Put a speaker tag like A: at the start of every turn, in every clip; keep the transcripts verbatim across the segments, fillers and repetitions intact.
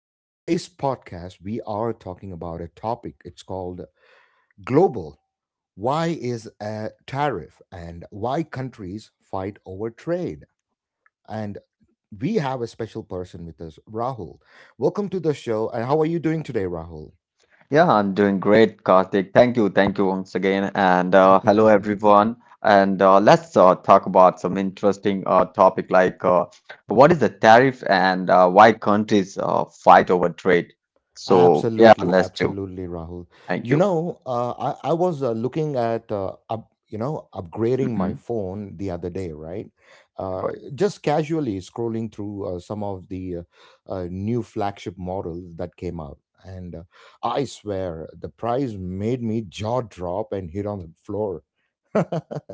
A: In today's podcast, we are talking about a topic. It's called global. Why is a tariff and why countries fight over trade? And we have a special person with us, Rahul. Welcome to the show. And how are you doing today, Rahul?
B: Yeah, I'm doing great, Karthik. Thank you, thank you once again, and uh, hello everyone. And uh, let's uh, talk about some interesting uh, topic like uh, what is the tariff and uh, why countries uh, fight over trade. So yeah,
A: Absolutely,
B: let's do.
A: absolutely, Rahul. You
B: Thank you.
A: know, uh, I, I was uh, looking at, uh, up, you know, upgrading my
B: Hmm.
A: phone the other day, right? Uh,
B: Right,
A: just casually scrolling through uh, some of the uh, uh, new flagship models that came out. And uh, I swear, the price made me jaw drop and hit on the floor.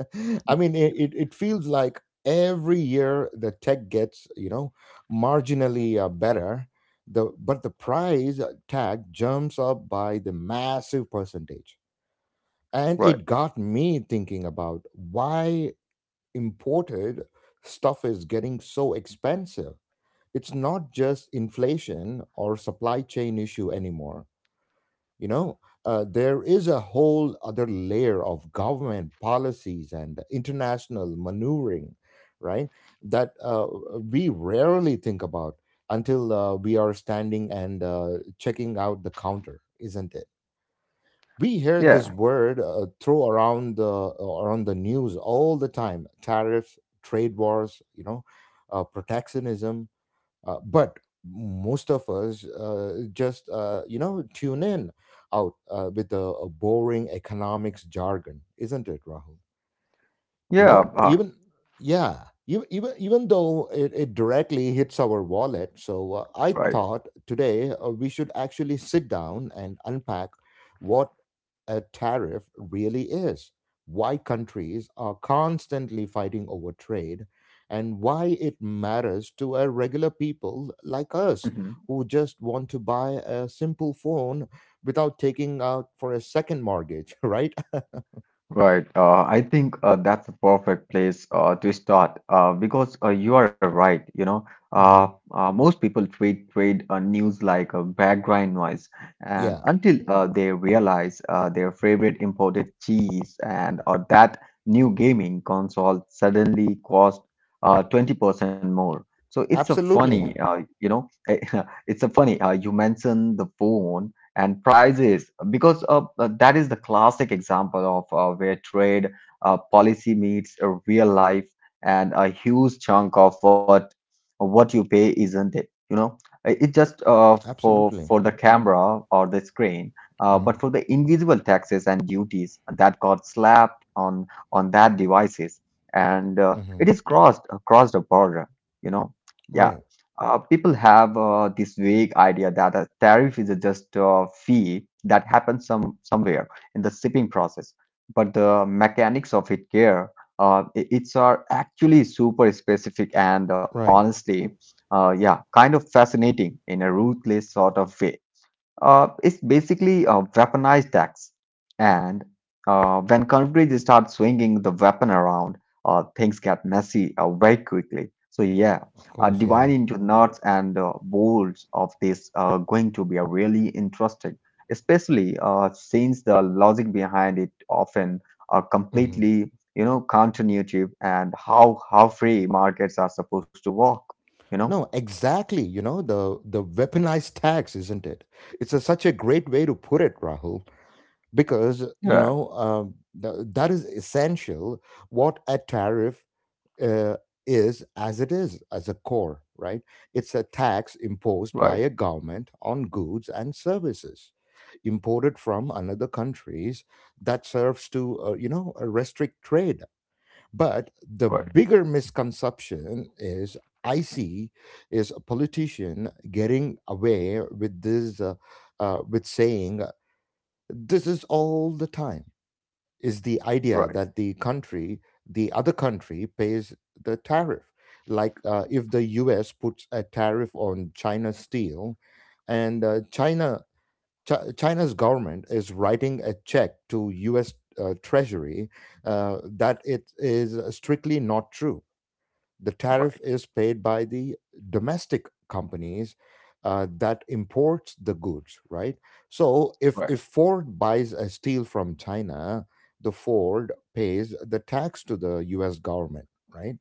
A: I mean, it, it, it feels like every year the tech gets, you know, marginally uh, better, the, but the price tag jumps up by the massive percentage. And
B: right.
A: it got me thinking about why imported stuff is getting so expensive. It's not just inflation or supply chain issue anymore, you know uh, there is a whole other layer of government policies and international maneuvering, right? That uh, we rarely think about until uh, we are standing and uh, checking out the counter, isn't it? We hear
B: Yeah,
A: this word uh, throw around the uh, around the news all the time, tariffs, trade wars, you know uh, protectionism. Uh, but most of us uh, just uh, you know tune in out uh, with the uh, boring economics jargon, isn't it, Rahul? You
B: yeah,
A: know,
B: uh,
A: even, yeah, even even, even though it, it directly hits our wallet. So uh, I
B: right.
A: thought today uh, we should actually sit down and unpack what a tariff really is, why countries are constantly fighting over trade, and why it matters to a regular people like us
B: Mm-hmm.
A: who just want to buy a simple phone without taking out for a second mortgage. Right.
B: Right. Uh, I think uh, that's a perfect place uh, to start uh, because uh, you are right. You know, uh,
A: Hmm.
B: uh, most people treat trade uh, news like a background noise, and
A: Yeah,
B: until uh, they realize uh, their favorite imported cheese and or that new gaming console suddenly cost uh, twenty percent more. So it's a funny,
A: absolutely.
B: uh, you know, it's a funny. Uh, you mentioned the phone and prices because uh, uh, that is the classic example of uh, where trade uh, policy meets a real life and a huge chunk of what what you pay, isn't it, you know. Uh, it just uh, for
A: Absolutely.
B: for the camera or the screen, uh,
A: Hmm.
B: but for the invisible taxes and duties that got slapped on on that devices, and uh,
A: Hmm.
B: it is crossed uh, crossed a border, you know. Yeah.
A: Right.
B: Uh, people have uh, this vague idea that a tariff is just a fee that happens some somewhere in the shipping process, but the mechanics of it here, uh, i- it's are actually super specific and uh,
A: Right.
B: honestly, uh, yeah, kind of fascinating in a ruthless sort of way. Uh, it's basically a weaponized axe, and uh, when countries start swinging the weapon around, uh, things get messy uh, very quickly. So yeah,
A: Of
B: uh,
A: course. Yeah.
B: dividing into nuts and uh, bolts of this are going to be uh, really interesting, especially uh, since the logic behind it often are
A: Hmm.
B: completely, you know, counterintuitive and how how free markets are supposed to work, you know?
A: No, exactly. You know, the the weaponized tax, isn't it? It's a, such a great way to put it, Rahul. Because you
B: Yeah,
A: know, um, th- that is essential what a tariff uh, is, as it is, as a core. Right. It's a tax
B: right,
A: imposed by a government on goods and services imported from another countries that serves to, uh, you know uh, restrict trade. But the
B: right,
A: bigger misconception is, I see, is a politician getting away with this, uh, uh, with saying uh, this is all the time. Is the idea
B: Right.
A: that the country, the other country, pays the tariff? Like uh, if the U S puts a tariff on China's steel, and uh, China, Chi China's government is writing a check to U S. Uh, Treasury, uh, that it is strictly not true. The
B: Right,
A: tariff is paid by the domestic companies uh, that imports the goods, right? So if
B: right,
A: if Ford buys a steel from China, the Ford pays the tax to the U S government, right?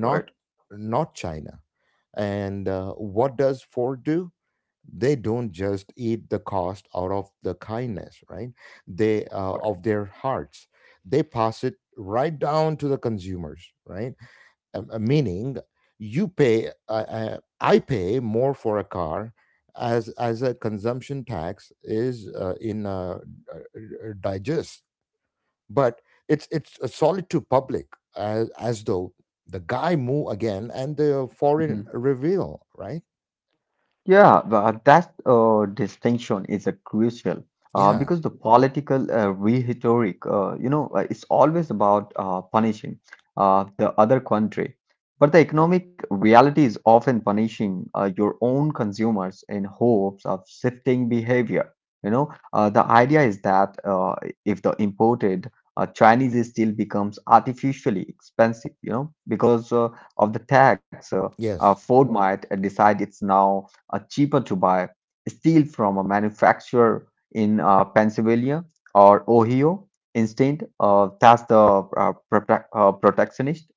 B: right,
A: not China. And uh, what does Ford do? They don't just eat the cost out of the kindness, right? They uh,
B: right.
A: of their hearts. They pass it right down to the consumers, right? Um, uh, meaning you pay, uh, uh, I pay more for a car, as as a consumption tax is, uh, in, uh, uh, uh, digest. But it's it's a solid to public, as, as though the guy move again and the foreign
B: Mhm.
A: reveal, right.
B: Yeah, but that uh, distinction is a crucial uh,
A: Yeah.
B: because the political uh, rhetoric, uh, you know, uh, it's always about uh, punishing uh, the other country, but the economic reality is often punishing uh, your own consumers in hopes of shifting behavior. You know, uh, the idea is that uh, if the imported uh, Chinese steel becomes artificially expensive, you know, because uh, of the tax, uh, uh,
A: Yes.
B: Ford might uh, decide it's now uh, cheaper to buy steel from a manufacturer in uh, Pennsylvania or Ohio. Instead, uh, that's the uh, protec- uh, protectionist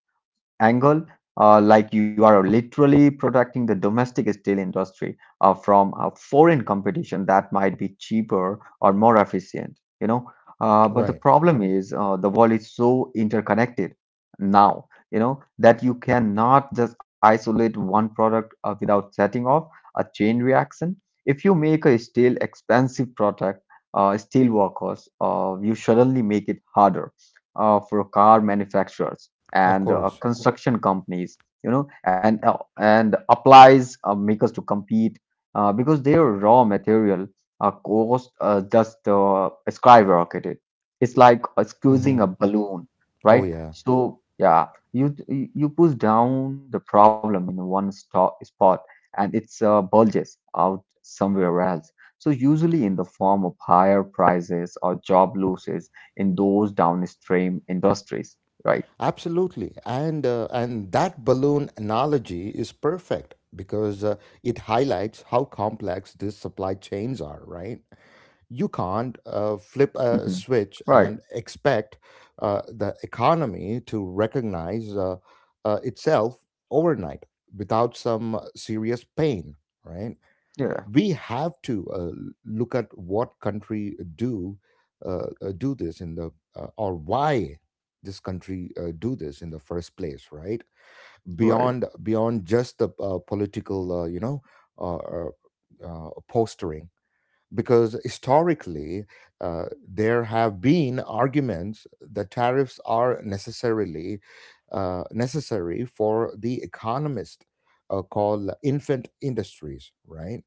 B: angle, uh, like you are literally protecting the domestic steel industry uh, from uh, foreign competition that might be cheaper or more efficient, you know. Uh, but the
A: Right.
B: problem is uh, the world is so interconnected now, you know, that you cannot just isolate one product uh, without setting off a chain reaction. If you make a steel expensive product, uh, steel workers, uh, you suddenly make it harder uh, for car manufacturers
A: Of
B: and uh,
A: course.
B: construction companies, you know, and uh, and applies uh, makers to compete uh, because their raw material uh, cost uh, just uh, skyrocketed. It's like uh, squeezing
A: Hmm.
B: a balloon,
A: Oh,
B: right?
A: yeah.
B: So yeah, you you push down the problem in one stop spot, and it's uh, bulges out somewhere else, so usually in the form of higher prices or job losses in those downstream industries, right?
A: Absolutely, and uh, and that balloon analogy is perfect because uh, it highlights how complex these supply chains are. Right, you can't uh, flip a
B: Hmm.
A: switch
B: Right.
A: and expect uh, the economy to recognize uh, uh, itself overnight without some serious pain. Right,
B: Yeah.
A: we have to uh, look at what country do, uh, uh, do this in the, uh, or why this country uh, do this in the first place, right?
B: Right.
A: Beyond beyond just the uh, political uh, you know uh, uh, uh, postering, because historically uh, there have been arguments that tariffs are necessarily, uh, necessary for the economist uh, called infant industries, right?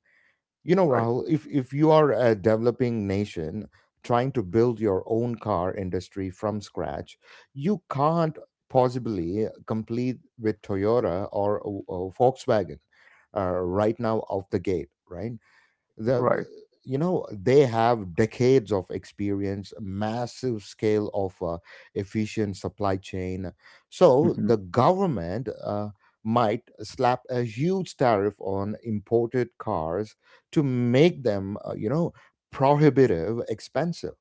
A: You know,
B: Right.
A: Rahul, if, if you are a developing nation trying to build your own car industry from scratch, you can't possibly complete with Toyota or uh, Volkswagen, uh, right now off the gate, right?
B: Right.
A: the You know, they have decades of experience, massive scale of uh, efficient supply chain. So
B: Hmm.
A: the government uh, might slap a huge tariff on imported cars to make them, uh, you know prohibitive expensive,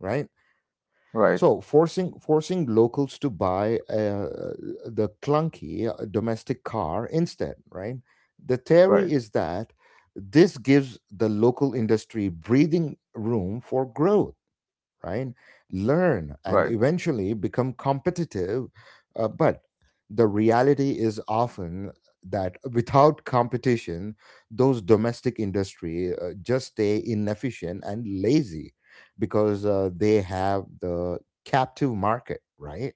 A: right?
B: Right.
A: So forcing forcing locals to buy uh, the clunky uh, domestic car instead, right? The
B: Right.
A: theory is that this gives the local industry breathing room for growth, right? Learn and
B: Right.
A: eventually become competitive. Uh, but the reality is often that without competition, those domestic industry uh, just stay inefficient and lazy because uh, they have the captive market, right?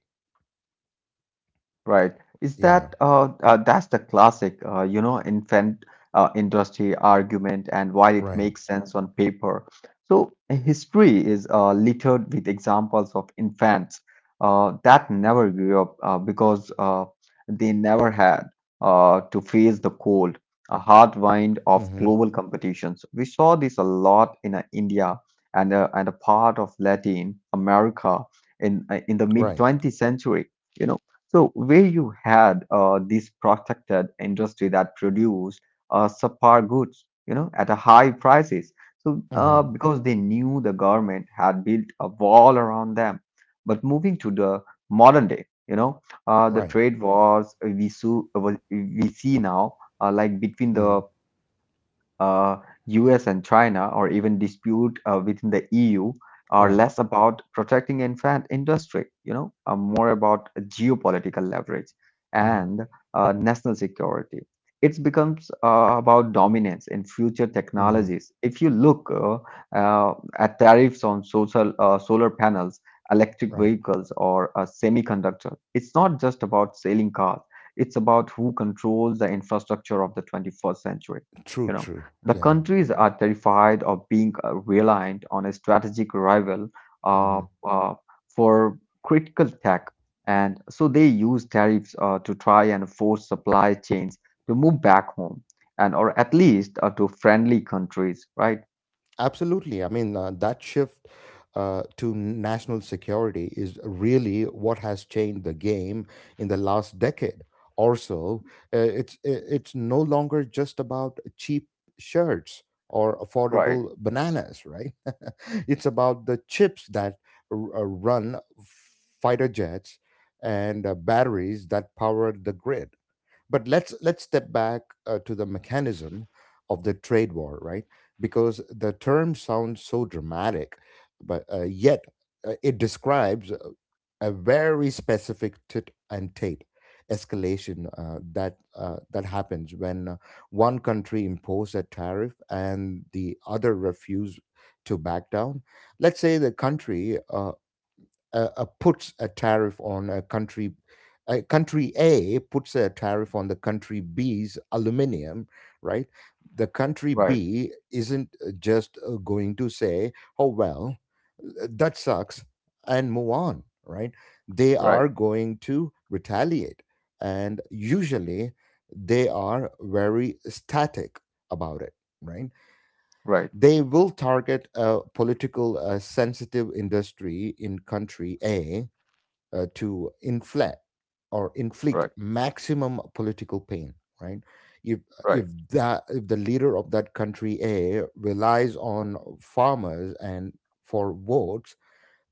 B: Right. Is
A: Yeah,
B: that uh, uh that's the classic uh, you know infant uh, industry argument, and while it
A: right.
B: makes sense on paper. So history is uh, littered with examples of infants uh, that never grew up uh, because uh, they never had uh, to face the cold, a hard wind of
A: Mm-hmm.
B: global competitions. We saw this a lot in uh, India and uh, and a part of Latin America in uh, in the mid
A: Right.
B: twentieth century. You know. So, where you had uh, this protected industry that produced uh, subpar goods, you know, at a high prices, so uh,
A: Mm-hmm.
B: because they knew the government had built a wall around them. But moving to the modern day, you know, uh, the
A: Right.
B: trade wars we, so, we see now, uh, like between
A: Mm-hmm.
B: the uh, U S and China, or even dispute uh, within the E U, are
A: Right.
B: less about protecting infant industry, you know, are more about geopolitical leverage
A: Mm-hmm.
B: and uh, national security. It becomes uh, about dominance in future
A: Mm-hmm.
B: technologies. If you look uh, uh, at tariffs on social uh, solar panels, electric
A: Right.
B: vehicles, or uh, semiconductors, it's not just about selling cars. It's about who controls the infrastructure of the twenty-first century.
A: True.
B: You know,
A: True.
B: the
A: Yeah.
B: countries are terrified of being uh, reliant on a strategic rival uh,
A: Mm-hmm.
B: uh, for critical tech, and so they use tariffs uh, to try and force supply chains to move back home, and or at least uh, to friendly countries. Right,
A: Absolutely. I mean, uh, that shift uh, to national security is really what has changed the game in the last decade or so. Uh, it's, i- it's no longer just about cheap shirts or
B: right,
A: affordable bananas, right? It's about the chips that r- uh, run fighter jets and uh, batteries that power the grid. But let's let's step back uh, to the mechanism of the trade war, right? Because the term sounds so dramatic, but uh, yet uh, it describes a a very specific tit and tat escalation, uh, that uh, that happens when uh, one country imposes a tariff and the other refuse to back down. Let's say the country uh, uh, uh, puts a tariff on a country, uh, country A puts a tariff on the country B's aluminium, right? The country
B: right,
A: B isn't uh, just uh, going to say, "Oh, well, uh, that sucks," and move on, right? They
B: right,
A: are going to retaliate, and usually they are very static about it, right?
B: right,
A: They will target a political uh, sensitive industry in country A uh, to inflate or
B: right,
A: inflict maximum political pain, right? if
B: right,
A: if that if the leader of that country A relies on farmers and for votes,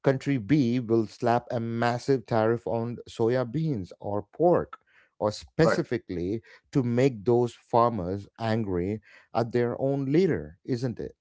A: country B will slap a massive tariff on soya beans or pork, or
B: right.
A: specifically to make those farmers angry at their own leader, isn't it?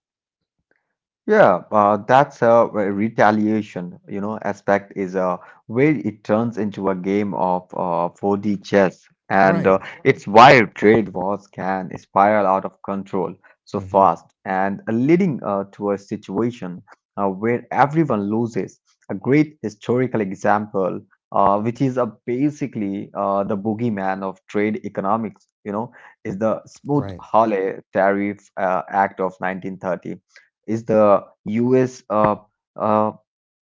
B: Yeah, uh, that's a re- retaliation, you know, aspect is uh, where it turns into a game of uh, four D chess, and uh,
A: Right.
B: it's why trade wars can spiral out of control so
A: Hmm.
B: fast and uh, leading uh, to a situation uh, where everyone loses. A great historical example, uh, which is uh, basically uh, the boogeyman of trade economics, you know, is the
A: Right.
B: Smoot-Hawley Tariff uh, Act of nineteen thirty. Is the U S uh, uh,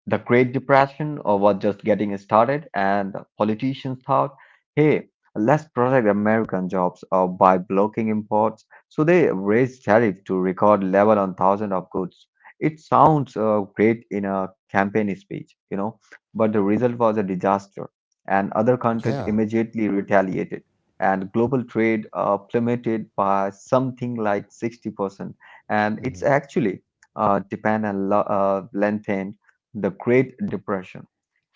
B: the Great Depression uh, was just getting started, and politicians thought, hey, let's protect American jobs uh, by blocking imports. So they raised tariffs to record level on thousands of goods. It sounds uh, great in a campaign speech, you know, but the result was a disaster, and other countries
A: Yeah.
B: immediately retaliated. And global trade uh, plummeted by something like sixty percent. And it's
A: Hmm.
B: actually uh, depend on lo- uh, lengthen the Great Depression.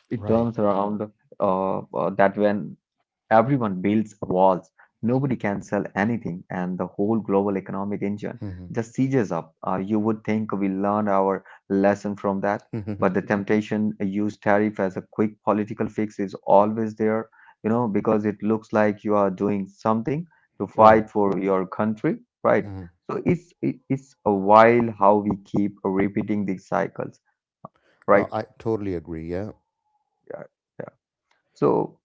B: It
A: Right.
B: turns around uh, uh, that when everyone builds walls, nobody can sell anything, and the whole global economic engine
A: Hmm.
B: just seizes up. Uh, you would think we learned our lesson from that, but the temptation to use tariff as a quick political fix is always there, you know, because it looks like you are doing something to
A: Right.
B: fight for your country, right?
A: Mm-hmm.
B: So it's it- it's a while how we keep repeating these cycles,
A: No,
B: right?
A: I totally agree. Yeah.
B: So.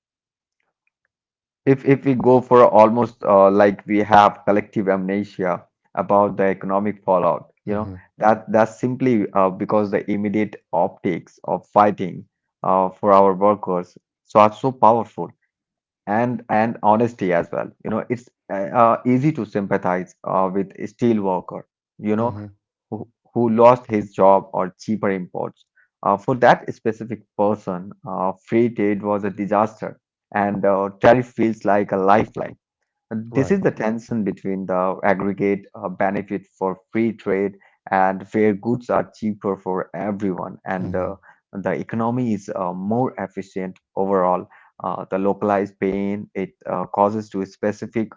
B: If if we go for almost uh, like we have collective amnesia about the economic fallout, you know,
A: Mm-hmm.
B: that that's simply uh, because the immediate optics of fighting uh, for our workers so are so powerful, and and honesty as well. You know, it's uh, uh, easy to sympathize uh, with a steel worker, you know,
A: Mm-hmm.
B: who, who lost his job or cheaper imports. Uh, for that specific person, uh, free trade was a disaster, and uh, tariff feels like a lifeline. This
A: Right.
B: is the tension between the aggregate uh, benefit for free trade and where goods are cheaper for everyone, and
A: Mm-hmm.
B: uh, the economy is uh, more efficient overall. Uh, the localized pain it uh, causes to specific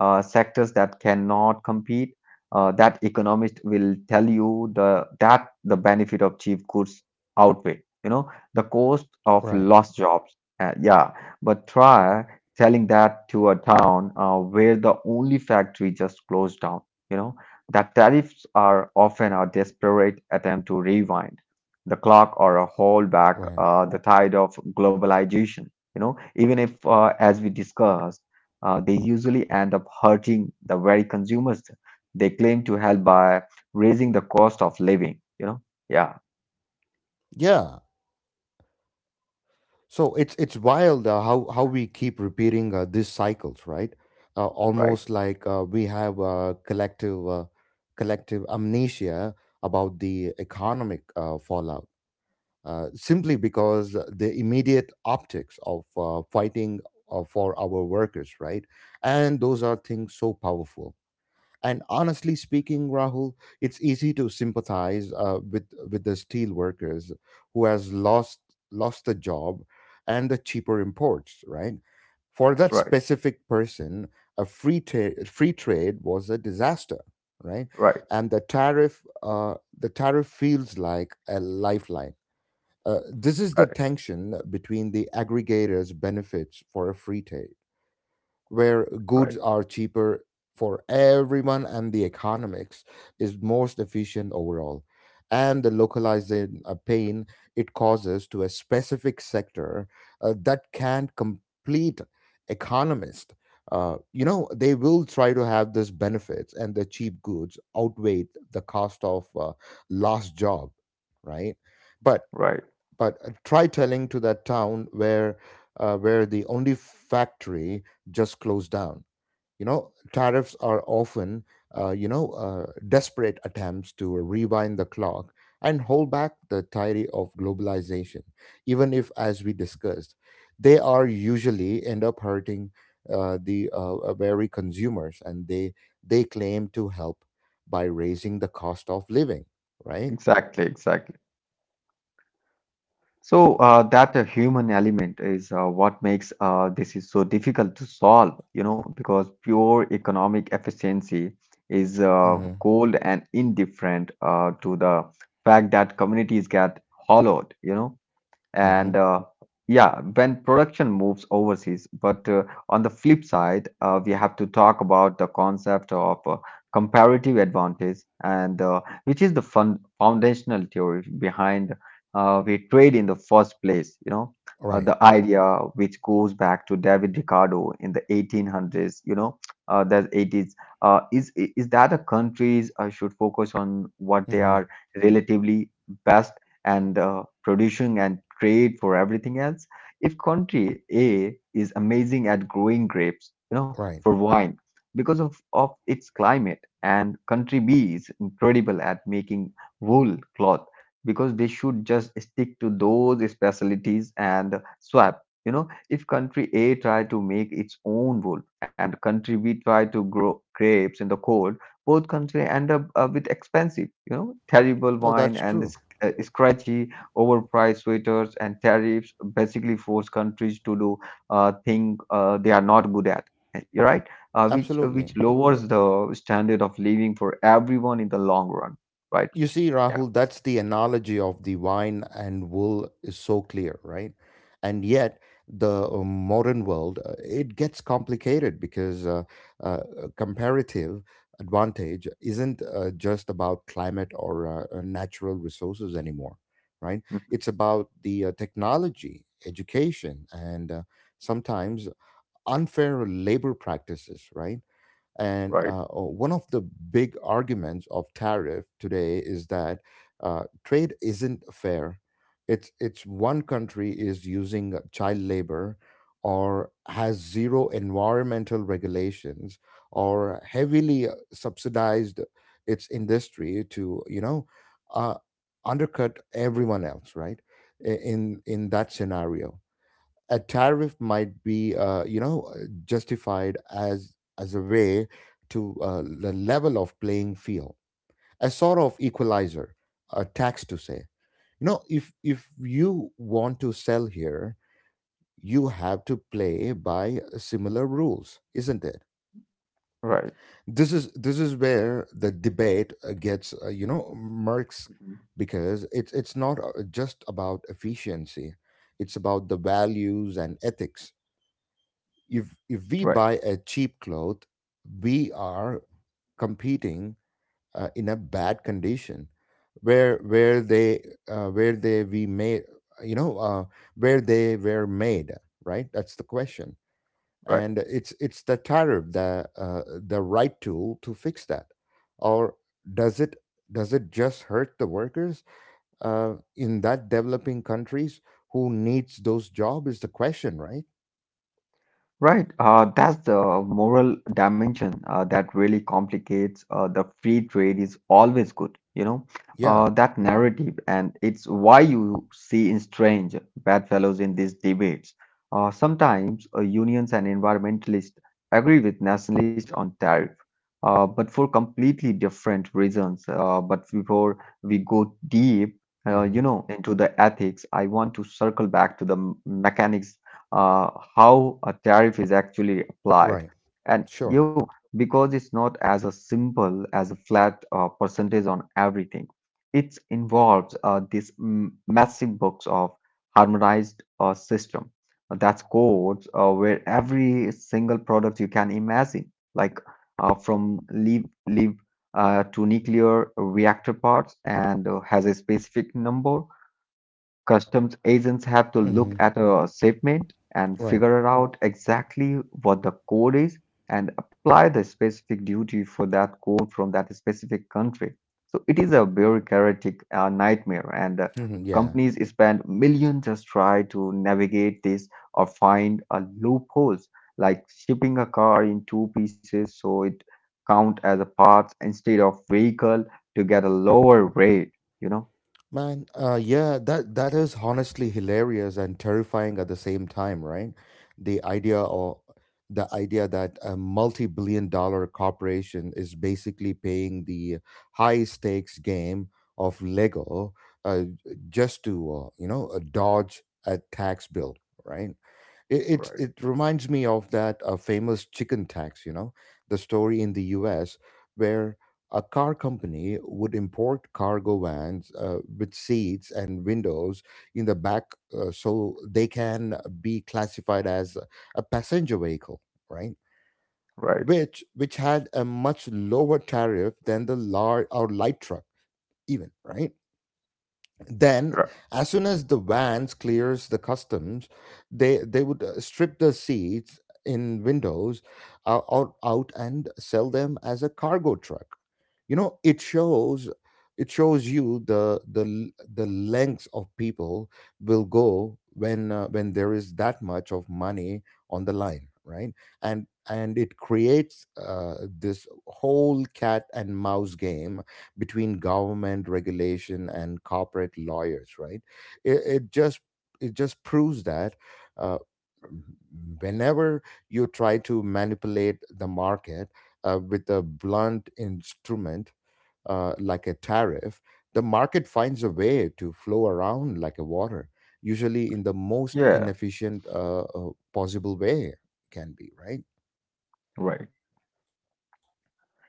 B: uh, sectors that cannot compete. Uh, that economist will tell you the that the benefit of cheap goods outweigh, you know, the cost of
A: Right.
B: lost jobs. Uh, yeah, but try telling that to a town uh, where the only factory just closed down. You know, that tariffs are often a desperate attempt to rewind the clock or a hold back
A: Right.
B: uh, the tide of globalization. You know, even if, uh, as we discussed uh, they usually end up hurting the very consumers they claim to help by raising the cost of living, you know? Yeah,
A: Yeah. So it's it's wild, uh, how how we keep repeating uh, these cycles, right? Uh,
B: right,
A: almost like uh, we have a collective uh, collective amnesia about the economic uh, fallout, uh, simply because the immediate optics of uh, fighting uh, for our workers, right? And those are things so powerful. And honestly speaking, Rahul, it's easy to sympathize uh, with with the steel workers who has lost lost the job and the cheaper imports, right? For that
B: right,
A: specific person, a free ta- free trade was a disaster, right?
B: right,
A: And the tariff uh, the tariff feels like a lifeline. Uh, this is the
B: correct,
A: tension between the aggregators' benefits for a free trade, where
B: right,
A: goods are cheaper for everyone, and the economics is most efficient overall. And the localizing uh, pain it causes to a specific sector uh, that can't complete economist. Uh, you know, they will try to have this benefits and the cheap goods outweigh the cost of uh, lost job, right? But
B: right.
A: but uh, try telling to that town where, uh, where the only factory just closed down. You know, tariffs are often, uh, you know uh, desperate attempts to rewind the clock and hold back the tide of globalization. Even if, as we discussed, they are usually end up hurting uh, the uh, uh, very consumers, and they they claim to help by raising the cost of living, right.
B: Exactly, exactly. So uh, that uh, human element is uh, what makes uh, this is so difficult to solve, you know, because pure economic efficiency is uh,
A: Mm-hmm.
B: cold and indifferent uh, to the fact that communities get hollowed, you know,
A: Mm-hmm.
B: and uh, yeah, when production moves overseas. But uh, on the flip side uh, we have to talk about the concept of uh, comparative advantage, and uh, which is the fun- foundational theory behind uh, we trade in the first place, you know. Uh,
A: Right.
B: the idea, which goes back to David Ricardo in the eighteen hundreds, you know, uh, the eighties, uh, is is that the countries uh, should focus on what they
A: Mm-hmm.
B: are relatively best and uh, producing and trade for everything else. If country A is amazing at growing grapes, you know,
A: Right.
B: for wine because of, of its climate, and country B is incredible at making wool cloth, because they should just stick to those specialties and swap. You know, if country A try to make its own wool and country B try to grow grapes in the cold, both country end up uh, with expensive, you know, terrible
A: No,
B: wine
A: that's
B: and
A: true.
B: uh, scratchy, overpriced sweaters, and tariffs basically force countries to do uh, things uh, they are not good at. eh, You're right, uh, which which
A: Absolutely.
B: lowers the standard of living for everyone in the long run. Right?
A: You see,
B: Yeah.
A: Rahul, that's the analogy of the wine and wool is so clear, right? And yet, the uh, modern world uh, it gets complicated because uh, uh, comparative advantage isn't uh, just about climate or uh, uh, natural resources anymore, right?
B: Mhm.
A: It's about the uh, technology, education, and uh, sometimes unfair labor practices, right? And
B: Right.
A: uh, one of the big arguments of tariff today is that uh, trade isn't fair. It's it's one country is using child labor, or has zero environmental regulations, or heavily uh, subsidized its industry to, you know uh, undercut everyone else, right? I- In in that scenario, a tariff might be, uh, you know uh, justified as as a way to, uh, the level of playing field, a sort of equalizer, a tax to say, you know, if if you want to sell here, you have to play by similar rules, isn't it?
B: Right.
A: This is this is where the debate uh, gets, uh, you know murks,
B: Mhm.
A: because it's it's not, uh, just about efficiency. It's about the values and ethics. If if we
B: Right.
A: buy a cheap cloth, we are competing uh, in a bad condition where where they uh, where they we made you know uh, where they were made, right? That's the question.
B: Right.
A: And it's it's the tariff, the uh, the right tool to fix that, or does it does it just hurt the workers uh, in that developing countries who needs those job, is the question, right?
B: Right, uh, that's the moral dimension uh, that really complicates uh, the free trade is always good, you know,
A: Yeah.
B: uh, that narrative, and it's why you see in strange bad fellows in these debates. Uh, sometimes uh, unions and environmentalists agree with nationalists on tariff, uh, but for completely different reasons. Uh, but before we go deep, uh,
A: hmm
B: you know, into the ethics, I want to circle back to the m- mechanics uh, how a tariff is actually applied.
A: right.
B: And
A: Sure.
B: you, because it's not as a simple as a flat uh, percentage on everything, it involves uh, this m- massive box of harmonized uh, system. That's codes uh, where every single product you can imagine, like uh, from leaf leaf uh, to nuclear reactor parts, and uh, has a specific number. Customs agents have to look
A: Mm-hmm.
B: at a shipment and
A: Right.
B: figure out exactly what the code is and apply the specific duty for that code from that specific country. So it is a bureaucratic uh, nightmare, and uh,
A: hmm Yeah.
B: companies spend millions just try to navigate this or find a loopholes, like shipping a car in two pieces so it count as a parts instead of vehicle to get a lower rate. You know?
A: Man, uh, yeah, that that is honestly hilarious and terrifying at the same time, right? The idea, or the idea that a multi-billion dollar corporation is basically paying the high stakes game of Lego, uh, just to, uh, you know uh, dodge a tax bill, right? It, it
B: Right,
A: it reminds me of that uh, famous chicken tax, you know, the story in the U S, where a car company would import cargo vans uh, with seats and windows in the back, uh, so they can be classified as a passenger vehicle, right?
B: right,
A: Which which had a much lower tariff than the large or light truck, even, right? Then
B: Right.
A: as soon as the vans clears the customs, they they would uh, strip the seats in windows uh, out, out and sell them as a cargo truck. You know, it shows, it shows you the, the l- the lengths of people will go when, uh, when there is that much of money on the line, right? And and it creates, uh, this whole cat and mouse game between government regulation and corporate lawyers, right? It, it just it just proves that, uh, whenever you try to manipulate the market uh, with a blunt instrument uh, like a tariff, the market finds a way to flow around like a water, usually in the most
B: Yeah,
A: inefficient uh, uh, possible way can be, right?
B: right.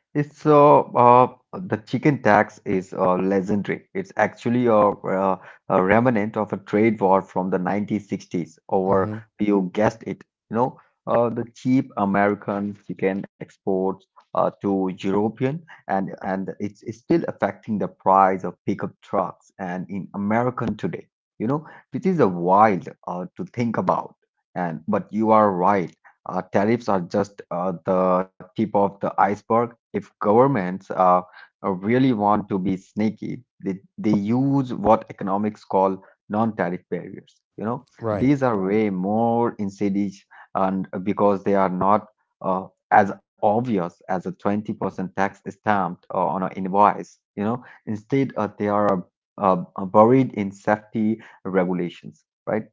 B: It's uh, uh the chicken tax is uh, legendary. It's actually a, uh, a remnant of a trade war from the nineteen sixties over,
A: hmm
B: you guessed it, you know, uh, the cheap American chicken exports uh, to European, and and it's, it's still affecting the price of pickup trucks and in American today, you know, which is a wild uh, to think about. And but you are right. Uh, tariffs are just uh, the tip of the iceberg. If governments uh, uh, really want to be sneaky, they, they use what economics call non-tariff barriers. You know,
A: Right.
B: these are way more insidious and because they are not uh, as obvious as a twenty percent tax stamped uh, on an invoice. You know, instead uh, they are uh, uh, buried in safety regulations, right?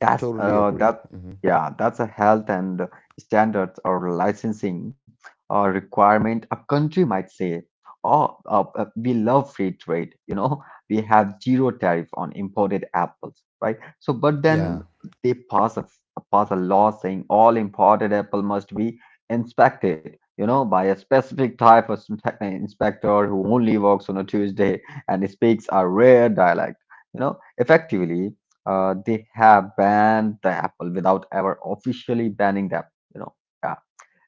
B: That's
A: Totally
B: uh,
A: agree.
B: that
A: hmm
B: yeah, that's a health and standards or licensing or requirement. A country might say, "Oh, uh, uh, we love free trade. You know, we have zero tariff on imported apples, right?" So, but
A: Yeah.
B: then they pass a pass a law saying all imported apple must be inspected. You know, by a specific type of inspe- inspector who only works on a Tuesday and speaks a rare dialect. You know, effectively uh, they have banned the Apple without ever officially banning them. You know, yeah,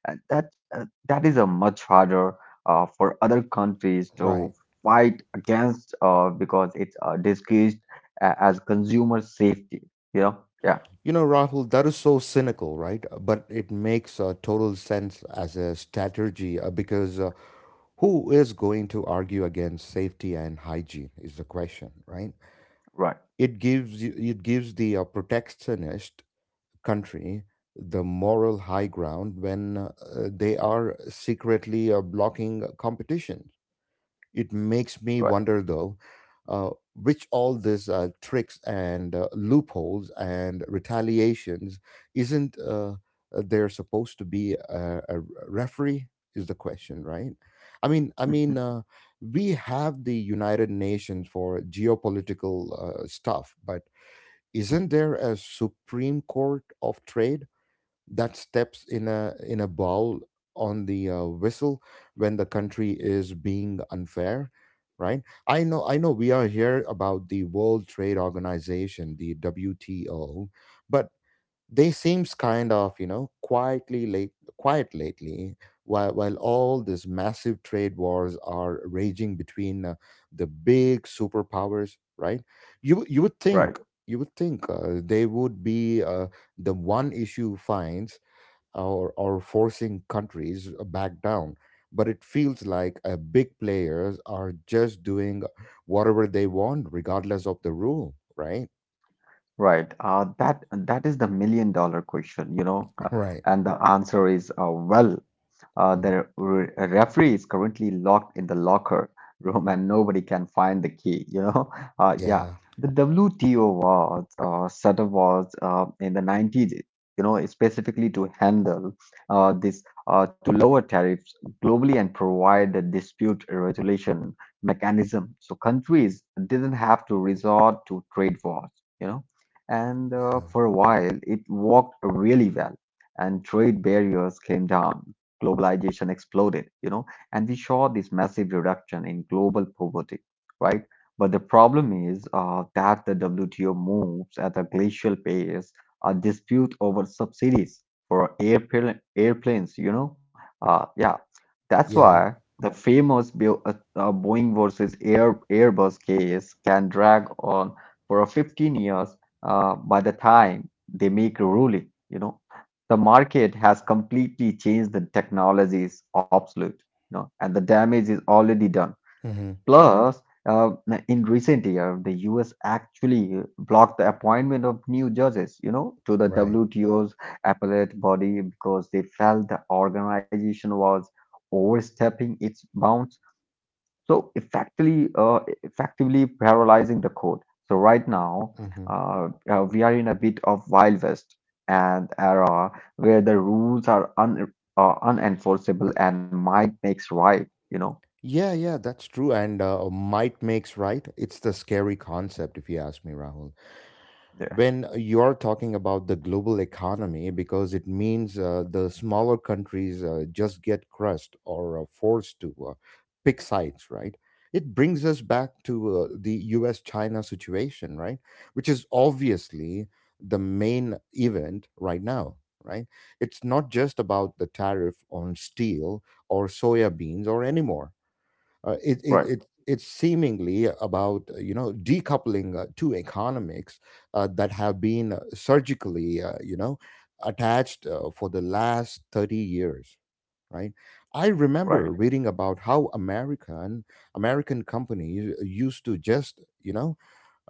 B: and that uh, that is a much harder uh, for other countries
A: Right.
B: to fight against uh, because it's uh, disguised a- as consumer safety. You know, yeah,
A: You know, Rahul, that is so cynical, right? But it makes uh, total sense as a strategy uh, because, uh, who is going to argue against safety and hygiene, is the question, right?
B: right,
A: it gives it gives the uh, protectionist country the moral high ground when, uh, they are secretly uh, blocking competition. It makes me
B: right,
A: wonder though, uh, which all these uh, tricks and uh, loopholes and retaliations, isn't uh, there supposed to be a, a referee? Is the question, right? I mean, I mean, uh, we have the United Nations for geopolitical uh, stuff, but isn't there a Supreme Court of Trade that steps in a in a bowl on the uh, whistle when the country is being unfair? Right? I know I know we are here about the World Trade Organization, the W T O, but they seems kind of, you know, quietly late quiet lately, while while all these massive trade wars are raging between, uh, the big superpowers, right? You would- you would
B: right.
A: think, you would think uh, they would be, uh, the one issue fines, or or forcing countries back down, but it feels like, uh, big players are just doing whatever they want regardless of the rule, right?
B: Right. Uh, that that is the million dollar question, you know, uh,
A: Right.
B: and the answer is uh, well, uh,
A: Mhm.
B: the re referee is currently locked in the locker room and nobody can find the key, you know. Uh, yeah,
A: Yeah.
B: the W T O was uh, set up was uh, in the nineties, you know, specifically to handle uh, this uh, to lower tariffs globally and provide a dispute resolution mechanism, so countries didn't have to resort to trade wars. You know, and uh, for a while, it worked really well, and trade barriers came down. Globalization exploded, you know, and we saw this massive reduction in global poverty, right? But the problem is uh, that the W T O moves at a glacial pace, a dispute over subsidies for airplane, airplanes, you know. Uh, yeah, that's
A: Yeah.
B: why the famous Bo- uh, uh, Boeing versus Air, Airbus case can drag on for a fifteen years uh, by the time they make a ruling, you know, the market has completely changed. The technology is obsolete, you know, and the damage is already done.
A: Mhm.
B: Plus, uh, in recent year, the U S actually blocked the appointment of new judges, you know, to the
A: Right.
B: W T O's appellate body because they felt the organization was overstepping its bounds so effectively, uh, effectively parallelizing the code. So right now,
A: hmm
B: uh, uh, we are in a bit of Wild West and era where the rules are un uh, unenforceable and might makes right. You know.
A: Yeah, yeah, that's true. And, uh, might makes right. It's the scary concept, if you ask me, Rahul.
B: Yeah.
A: When you're talking about the global economy, because it means, uh, the smaller countries uh, just get crushed or uh, forced to, uh, pick sides, right? It brings us back to, uh, the us china situation, right? Which is obviously the main event right now, right? It's not just about the tariff on steel, or soya beans or anymore. uh, it,
B: Right.
A: it, it, it's seemingly about, uh, you know, decoupling uh, two economics uh, that have been uh, surgically, uh, you know, attached, uh, for the last thirty years, right? i
B: Right.
A: remember reading about how american american companies uh, used to just, you know,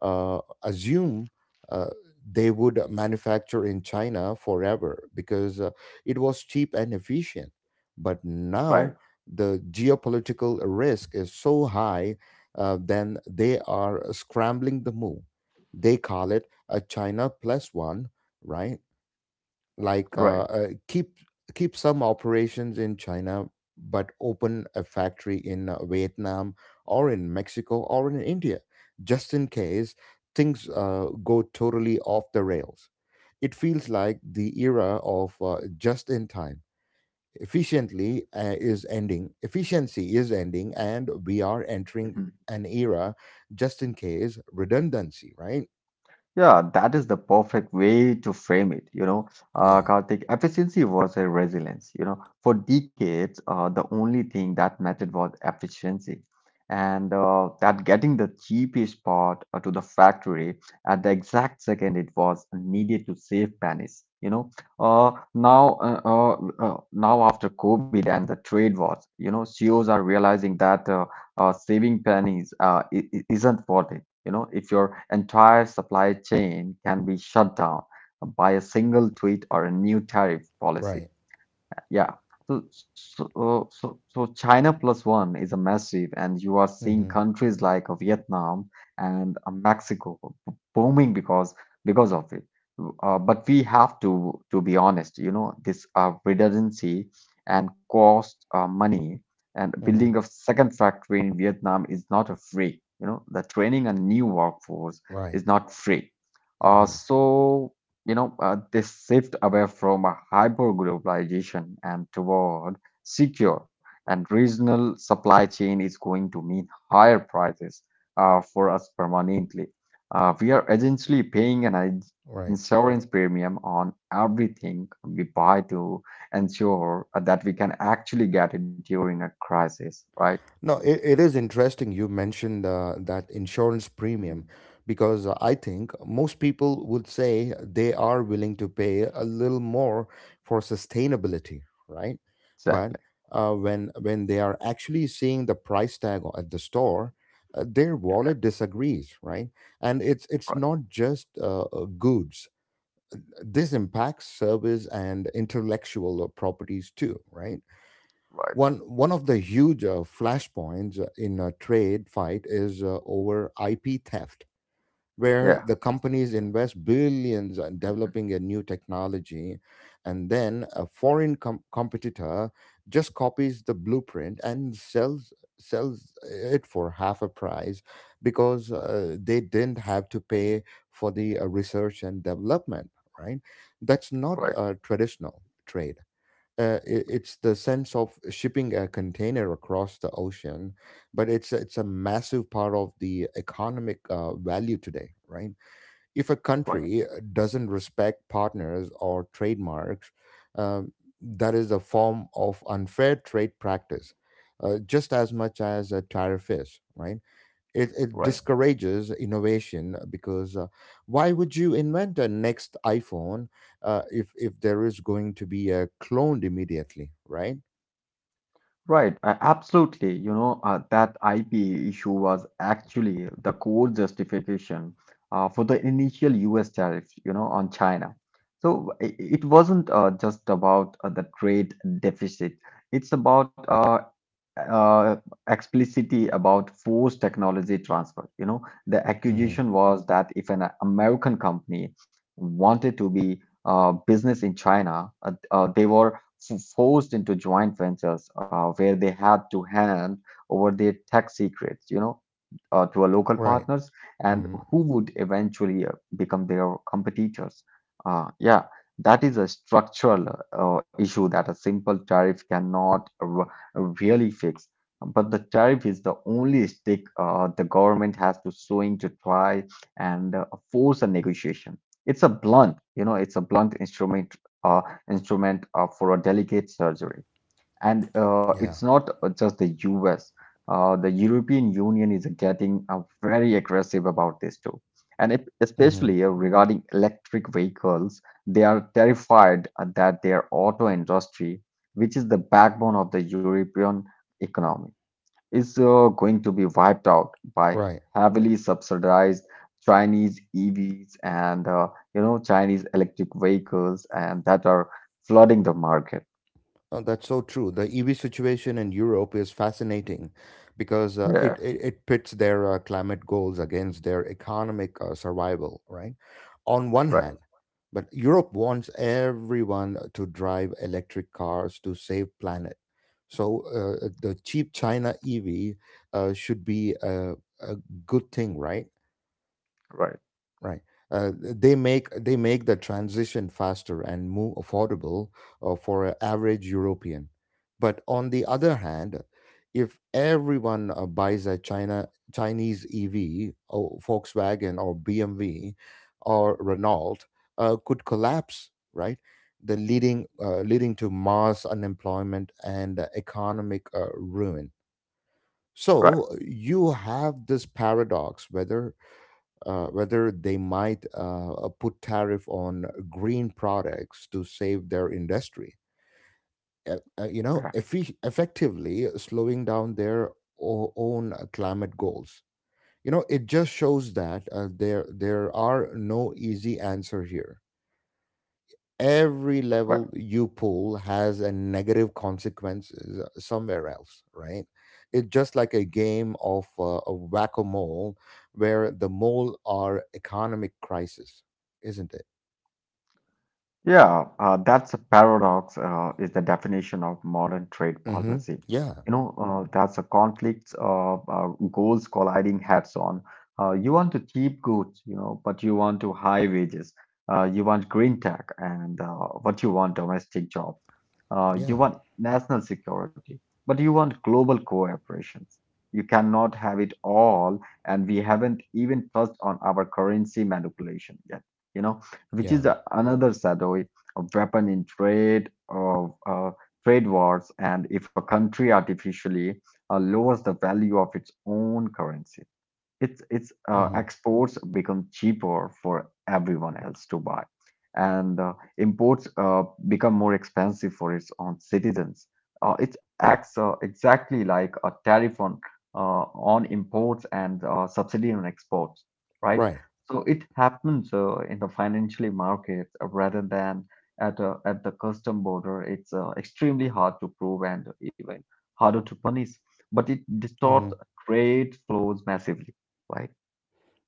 A: uh, assume, uh, they would manufacture in China forever, because, uh, it was cheap and efficient. But
B: Right.
A: now the geopolitical risk is so high, uh, then they are scrambling the move. They call it a China plus one, right? Like, uh,
B: Right.
A: uh, keep keep some operations in China, but open a factory in uh, Vietnam, or in Mexico, or in India, just in case things uh, go totally off the rails. It feels like the era of, uh, just in time. Efficiently uh, is ending. Efficiency is ending, and we are entering an era just in case redundancy. Right?
B: Yeah, that is the perfect way to frame it. You know, uh,
A: Yeah.
B: Karthik, efficiency was a resilience. You know, for decades, uh, the only thing that mattered was efficiency, and uh, that getting the cheapest part uh, to the factory at the exact second it was needed to save pennies. You know, uh, now, uh, uh, uh, now after COVID and the trade wars, you know, C E Os are realizing that. Uh, uh, saving pennies uh, i- i- isn't worth it. You know, if your entire supply chain can be shut down by a single tweet or a new tariff policy.
A: Right.
B: Yeah. So, so, so, so China plus one is a massive, and you are seeing
A: Mm-hmm.
B: countries like uh, Vietnam and uh, Mexico b- booming because because of it. Uh, but we have to to be honest, you know, this uh, redundancy and cost uh, money and
A: Mm-hmm.
B: building a second factory in Vietnam is not a free. You know, the training a new workforce
A: Right.
B: is not free. Uh,
A: Mm-hmm.
B: so you know, uh, this shift away from a hyper globalization and toward secure and regional supply chain is going to mean higher prices uh, for us permanently. Uh, we are essentially paying an ins-
A: Right.
B: insurance premium on everything we buy to ensure that we can actually get it during a crisis, right?
A: No, it, it is interesting you mentioned, uh, that insurance premium,
B: Mhm.
A: because, uh, I think most people would say they are willing to pay a little more for sustainability, right? But,
B: Exactly.
A: uh, when when they are actually seeing the price tag o- at the store, uh, their wallet disagrees, right? And it's it's
B: Right.
A: not just, uh, uh, goods. This impacts service and intellectual properties too, right?
B: Right.
A: One one of the huge uh, flashpoints uh, in a trade fight is uh, over I P theft, where
B: Yeah.
A: the companies invest billions in developing a new technology, and then a foreign com- competitor just copies the blueprint and sells sells it for half a price, because, uh, they didn't have to pay for the uh, research and development. Right? That's not
B: Right.
A: a traditional trade, uh, i- it's the sense of shipping a container across the ocean, but it's a- it's a massive part of the economic uh, value today, right? If a
B: Right.
A: country uh, doesn't respect partners or trademarks, um, that is a form of unfair trade practice, uh, just as much as a tariff is, right? It, it
B: Right.
A: discourages innovation uh, because uh, why would you invent a next iPhone, uh, if if there is going to be a cloned immediately, right?
B: Right, uh, absolutely. You know, uh, that I P issue was actually the core justification uh, for the initial U S tariffs, you know, on China. So i- it wasn't uh, just about uh, the trade deficit, it's about uh, uh, explicitly about forced technology transfer. You know, the
A: hmm
B: accusation was that if an American company wanted to be uh, business in China, uh, uh, they were f- forced into joint ventures uh, where they had to hand over their tech secrets, you know, uh, to our local
A: Right.
B: partners and
A: hmm
B: who would eventually uh, become their competitors. Uh, yeah, that is a structural uh, issue that a simple tariff cannot r- really fix. But the tariff is the only stick uh, the government has to swing to try and uh, force a negotiation. It's a blunt, you know, it's a blunt instrument uh, instrument uh, for a delicate surgery. And uh, it's
A: Yeah.
B: not just the U S. Uh, the European Union is getting uh, very aggressive about this too. And if,
A: hmm
B: especially uh, regarding electric vehicles, they are terrified uh, that their auto industry, which is the backbone of the European economy, is uh, going to be wiped out by
A: Right.
B: heavily subsidized Chinese E Vs and uh, you know Chinese electric vehicles and that are flooding the market.
A: Oh, that's so true. The E V situation in Europe is fascinating because, uh,
B: Yeah,
A: it, it, it pits their uh, climate goals against their economic uh, survival, right? On one
B: right,
A: hand, but Europe wants everyone to drive electric cars to save planet. So, uh, the cheap China E V uh, should be a, a good thing, right?
B: right,
A: Right. Uh, they make they make the transition faster and more affordable, uh, for an average European. But on the other hand, if everyone uh, buys a China Chinese E V, or Volkswagen or B M W or Renault, uh, could collapse, right? The leading uh, leading to mass unemployment and uh, economic uh, ruin.
B: right,
A: So you have this paradox whether, uh, whether they might, uh, uh, put tariff on green products to save their industry. Uh, uh, you know,
B: yeah,
A: effi- effectively slowing down their o- own uh, climate goals. You know, it just shows that, uh, there there are no easy answer here. Every
B: right.
A: level you pull has a negative consequence s- somewhere else, right? It's just like a game of, uh, a whack-a-mole, where the mole are economic crisis, isn't it?
B: Yeah, uh, that's a paradox, uh, is the definition of modern trade
A: Mm-hmm.
B: policy.
A: Yeah.
B: You know, uh, that's a conflict of uh, goals colliding heads on. Uh, you want to cheap goods, you know, but you want to high wages. Uh, you want green tech, and uh, but you want domestic jobs. Uh,
A: Yeah.
B: you want national security, but you want global cooperations. You cannot have it all, and we haven't even touched on our currency manipulation yet. You know which
A: Yeah.
B: is a- another shadowy weapon in trade of uh, trade wars. And if a country artificially uh, lowers the value of its own currency, it's it's uh,
A: Mm-hmm.
B: exports become cheaper for everyone else to buy, and uh, imports uh, become more expensive for its own citizens. Uh, it acts uh, exactly like a tariff on uh, on imports and uh, subsidy on exports, right?
A: Right.
B: So it happens uh, in the financially market uh, rather than at uh, at the custom border. It's uh, extremely hard to prove and even harder to punish, but it
A: Mm-hmm.
B: distorts trade flows massively, right?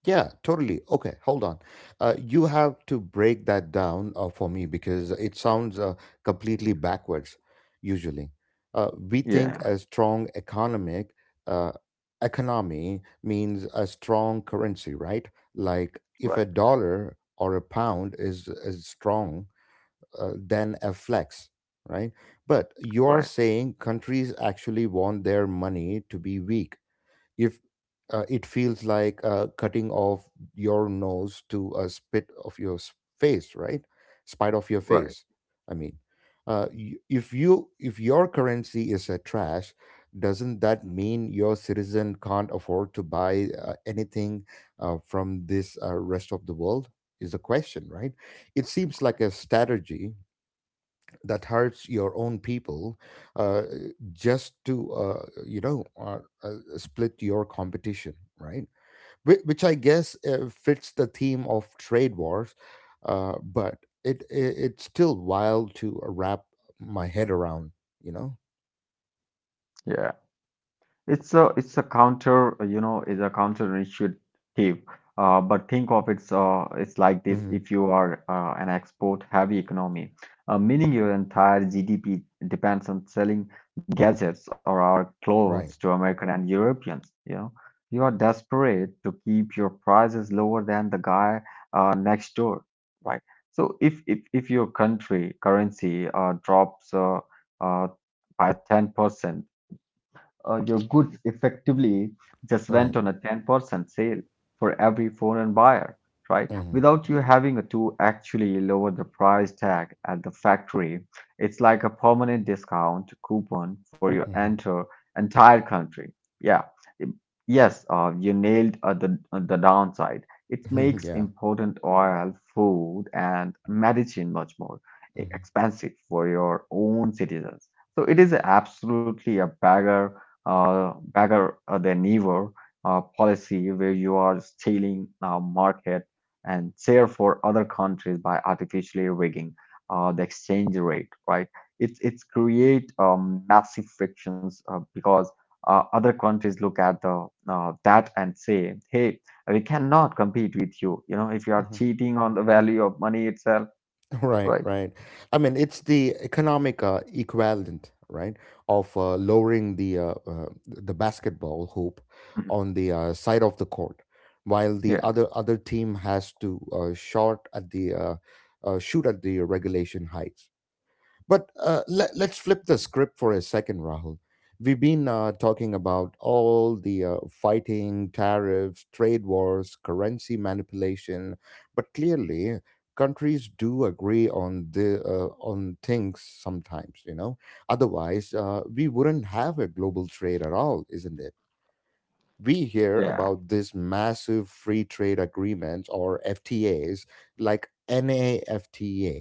A: Yeah, totally. Okay, hold on. Uh, you have to break that down, uh, for me, because it sounds, uh, completely backwards, usually. Uh, we
B: Yeah.
A: think a strong economic, uh, economy means a strong currency, right? Like if
B: Right.
A: a dollar or a pound is, is strong, uh, then a flex, right? But you are
B: Right.
A: saying countries actually want their money to be weak if, uh, it feels like, uh, cutting off your nose to a spit of your s- face, right? Spite of your
B: Right.
A: face. I mean uh, y- if you if your currency is a trash, doesn't that mean your citizen can't afford to buy, uh, anything, uh, from this, uh, rest of the world, is the question, right? It seems like a strategy that hurts your own people, uh, just to, uh, you know uh, uh, split your competition, right? Whi- which I guess uh, fits the theme of trade wars, uh, but it, it it's still wild to wrap my head around, you know.
B: Yeah. It's a it's a counter, uh, you know, is a counterintuitive. Uh, but think of it's uh, it's like this:
A: hmm
B: if you are uh, an export-heavy economy, uh, meaning your entire G D P depends on selling gadgets or our clothes
A: right,
B: to American and Europeans, you know, you are desperate to keep your prices lower than the guy uh, next door, right? So if if if your country currency uh, drops uh, uh, by ten percent uh, your goods effectively just
A: right.
B: went on a ten percent sale for every foreign buyer, right?
A: hmm
B: Without you having to actually lower the price tag at the factory, it's like a permanent discount coupon for your
A: hmm
B: enter entire country. Yeah. Im- Yes, uh, you nailed uh, the, uh, the downside. It makes
A: yeah.
B: important oil, food, and medicine much more e-
A: hmm
B: expensive for your own citizens. So it is absolutely a beggar uh, bagger uh, than ever uh, policy where you are stealing uh, market and share for other countries by artificially rigging uh, the exchange rate, right? It's it's create um, massive frictions uh, because uh, other countries look at the uh, that and say, hey, we cannot compete with you. You know, if you are
A: hmm
B: cheating on the value of money itself,
A: Right,
B: right?
A: right. I mean, it's the economic uh, equivalent, right, of uh, lowering the, uh, uh, the basketball hoop
B: Mhm.
A: on the, uh, side of the court, while the
B: Yeah,
A: other other team has to, uh, short at the uh, uh, shoot at the regulation heights. But, uh, let, let's flip the script for a second, Rahul. We've been, uh, talking about all the, uh, fighting, tariffs, trade wars, currency manipulation, but clearly countries do agree on the, uh, on things sometimes. You know, otherwise, uh, we wouldn't have a global trade at all, isn't it? We hear
B: yeah,
A: about this massive free trade agreements or F T As, like NAFTA,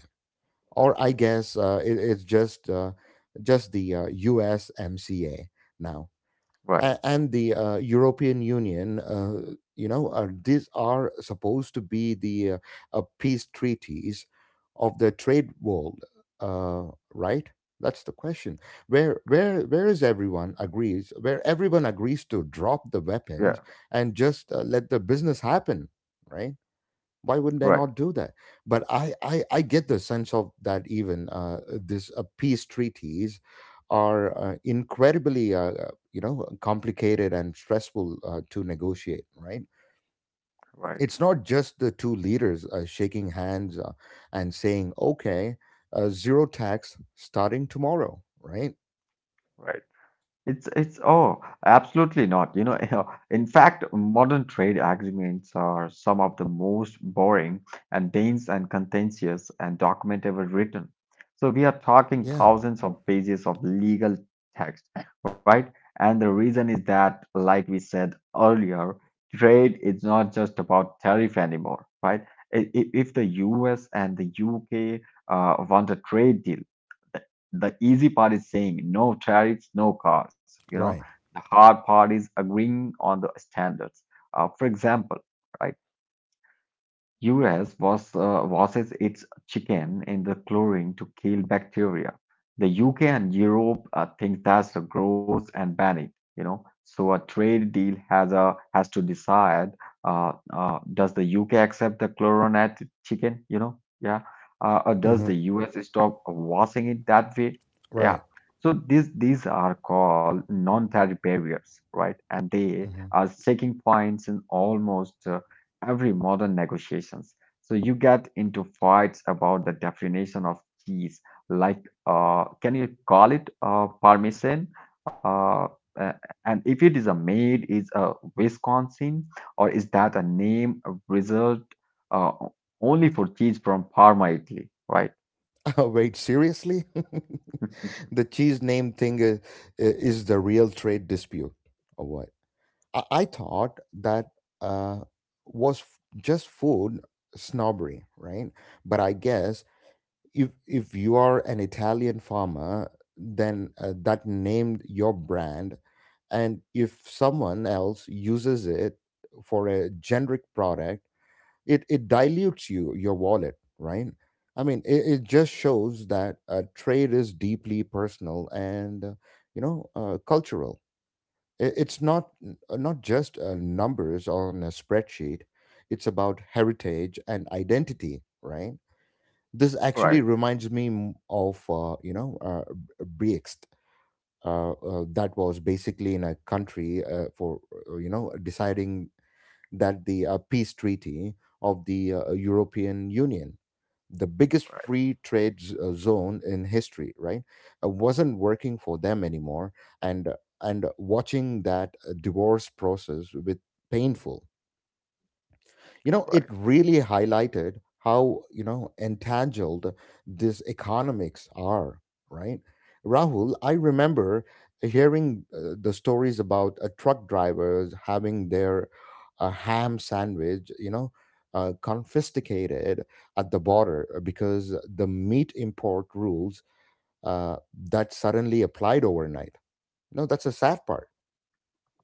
A: or I guess, uh, it, it's just uh, just the, uh, U S M C A now. A-
B: right,
A: and the, uh, European Union. Uh, you know, are, these are supposed to be the, uh, uh, peace treaties of the trade world, uh, right? That's the question. Where where where is everyone agrees? Where everyone agrees to drop the weapons
B: yeah,
A: and just, uh, let the business happen, right? Why wouldn't I not
B: right,
A: do that? But i i, I get the sense of that even uh, this uh, peace treaties are uh, incredibly uh, uh, you know complicated and stressful uh, to negotiate, right?
B: right.
A: It's not just the two leaders uh, shaking hands, uh, and saying okay, uh, zero tax starting tomorrow, right?
B: Right. It's it's oh, absolutely not. You know, in fact, modern trade agreements are some of the most boring and dense and contentious and document ever written. So we are talking
A: Yeah.
B: thousands of pages of legal text, right? And the reason is that, like we said earlier, trade is not just about tariff anymore, right? I- i- If the U S and the U K uh, want a trade deal, the easy part is saying no tariffs, no cars. You know,
A: Right.
B: the hard part is agreeing on the standards. Uh, for example, right? U S was, uh, washes its chicken in the chlorine to kill bacteria. The U K and Europe uh, think that's a gross and ban it, you know. So a trade deal has a has to decide uh, uh, does the U K accept the chlorinated chicken, you know? Yeah. Uh, or does the
A: Hmm.
B: U S stop washing it that way? Yeah.
A: Right.
B: So these these are called non-tariff barriers, right? And they
A: Hmm.
B: are shaking points in almost uh, every modern negotiations. So you get into fights about the definition of cheese, like uh, can you call it uh, Parmesan? Uh, uh, and if it is a made, is a Wisconsin, or is that a name a result uh, only for cheese from Parma, Italy? Right,
A: Wait, seriously? The cheese name thing is, is the real trade dispute, or what? I, I thought that uh, was f- just food snobbery, right? But I guess if if you are an Italian farmer, then uh, that named your brand, and if someone else uses it for a generic product, it it dilutes you your wallet, right? I mean, it, it just shows that uh, trade is deeply personal and, uh, you know, uh, cultural. I- it's not uh, not just uh, numbers on a spreadsheet. It's about heritage and identity, right? This actually
B: right, right,
A: reminds me m- of, uh, you know, uh, Brext, uh, uh, that was basically in a country uh, for, uh, you know, deciding that the uh, peace treaty of the uh, European Union, the biggest free trade z- uh, zone in history, right, uh, wasn't working for them anymore, and uh, and watching that uh, divorce process, with painful, you know, it
B: right.
A: really highlighted how, you know, entangled this economics are, right. Rahul, I remember hearing, uh, the stories about uh, truck drivers having their uh, ham sandwich, you know, uh, confiscated at the border uh, because the meat import rules, uh, that suddenly applied overnight. No, that's a sad part.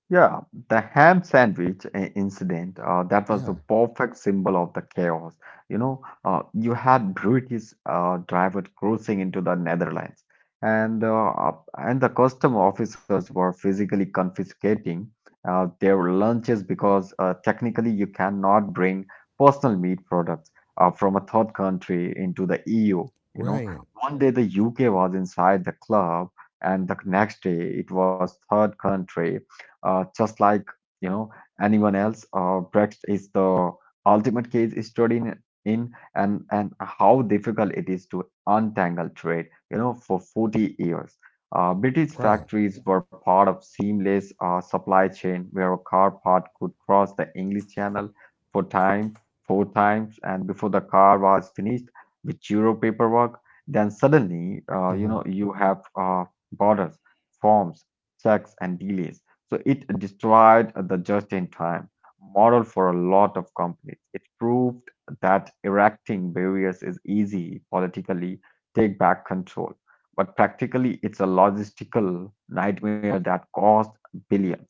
B: Yeah, the ham sandwich uh, incident, uh, that was the
A: Yeah.
B: perfect symbol of the chaos. You know, uh, you had British uh, driver cruising into the Netherlands, and uh, and the custom officers were physically confiscating uh, their lunches because uh, technically you cannot bring personal meat products uh, from a third country into the E U. You know,
A: Right.
B: one day the U K was inside the club, and the next day it was third country uh, just like you know anyone else. Uh, Brexit is the ultimate case study in, in and and how difficult it is to untangle trade. You know, for forty years, uh, British
A: Right.
B: factories were part of seamless uh, supply chain where a car part could cross the English Channel four times, four times, and before the car was finished with Euro paperwork. Then suddenly, uh, you
A: Mm-hmm.
B: know, you have uh, borders, forms, checks, and delays so it destroyed the just-in-time model for a lot of companies. It proved that erecting barriers is easy politically, take back control, but practically it's a logistical nightmare that cost billions.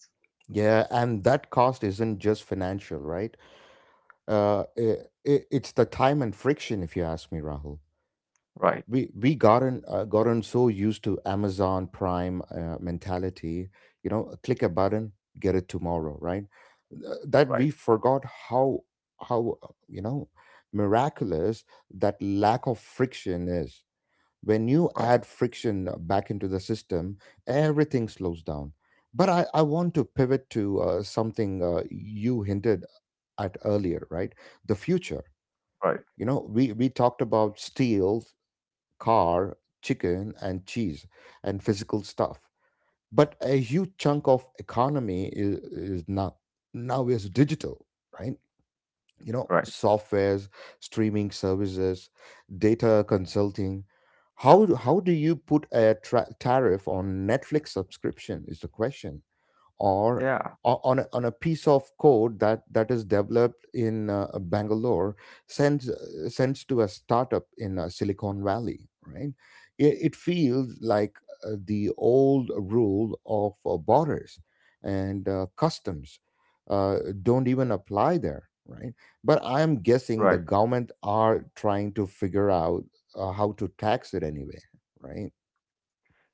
A: Yeah, and that cost isn't just financial, right? Uh, i i- it's the time and friction, if you ask me, Rahul.
B: Right,
A: We we gotten uh, gotten so used to Amazon Prime uh, mentality, you know, click a button, get it tomorrow, right? Th- That
B: right,
A: we forgot how how uh, you know, miraculous that lack of friction is. When you
B: right,
A: add friction back into the system, everything slows down. But I, I want to pivot to uh, something uh, you hinted at earlier, right? The future.
B: right,
A: You know, we, we talked about steel, car, chicken, and cheese and physical stuff. But a huge chunk of economy is, is now now is digital, right? You know,
B: right.
A: softwares, streaming services, data consulting. how how do you put a tra- tariff on Netflix subscription is the question? Or
B: Yeah,
A: o- on a, on a piece of code that that is developed in, uh, Bangalore, sends, uh, sends to a startup in, uh, Silicon Valley, right? It, it feels like uh, the old rule of uh, borders and uh, customs uh, don't even apply there, right? But I am guessing the
B: right.
A: government are trying to figure out uh, how to tax it anyway, right?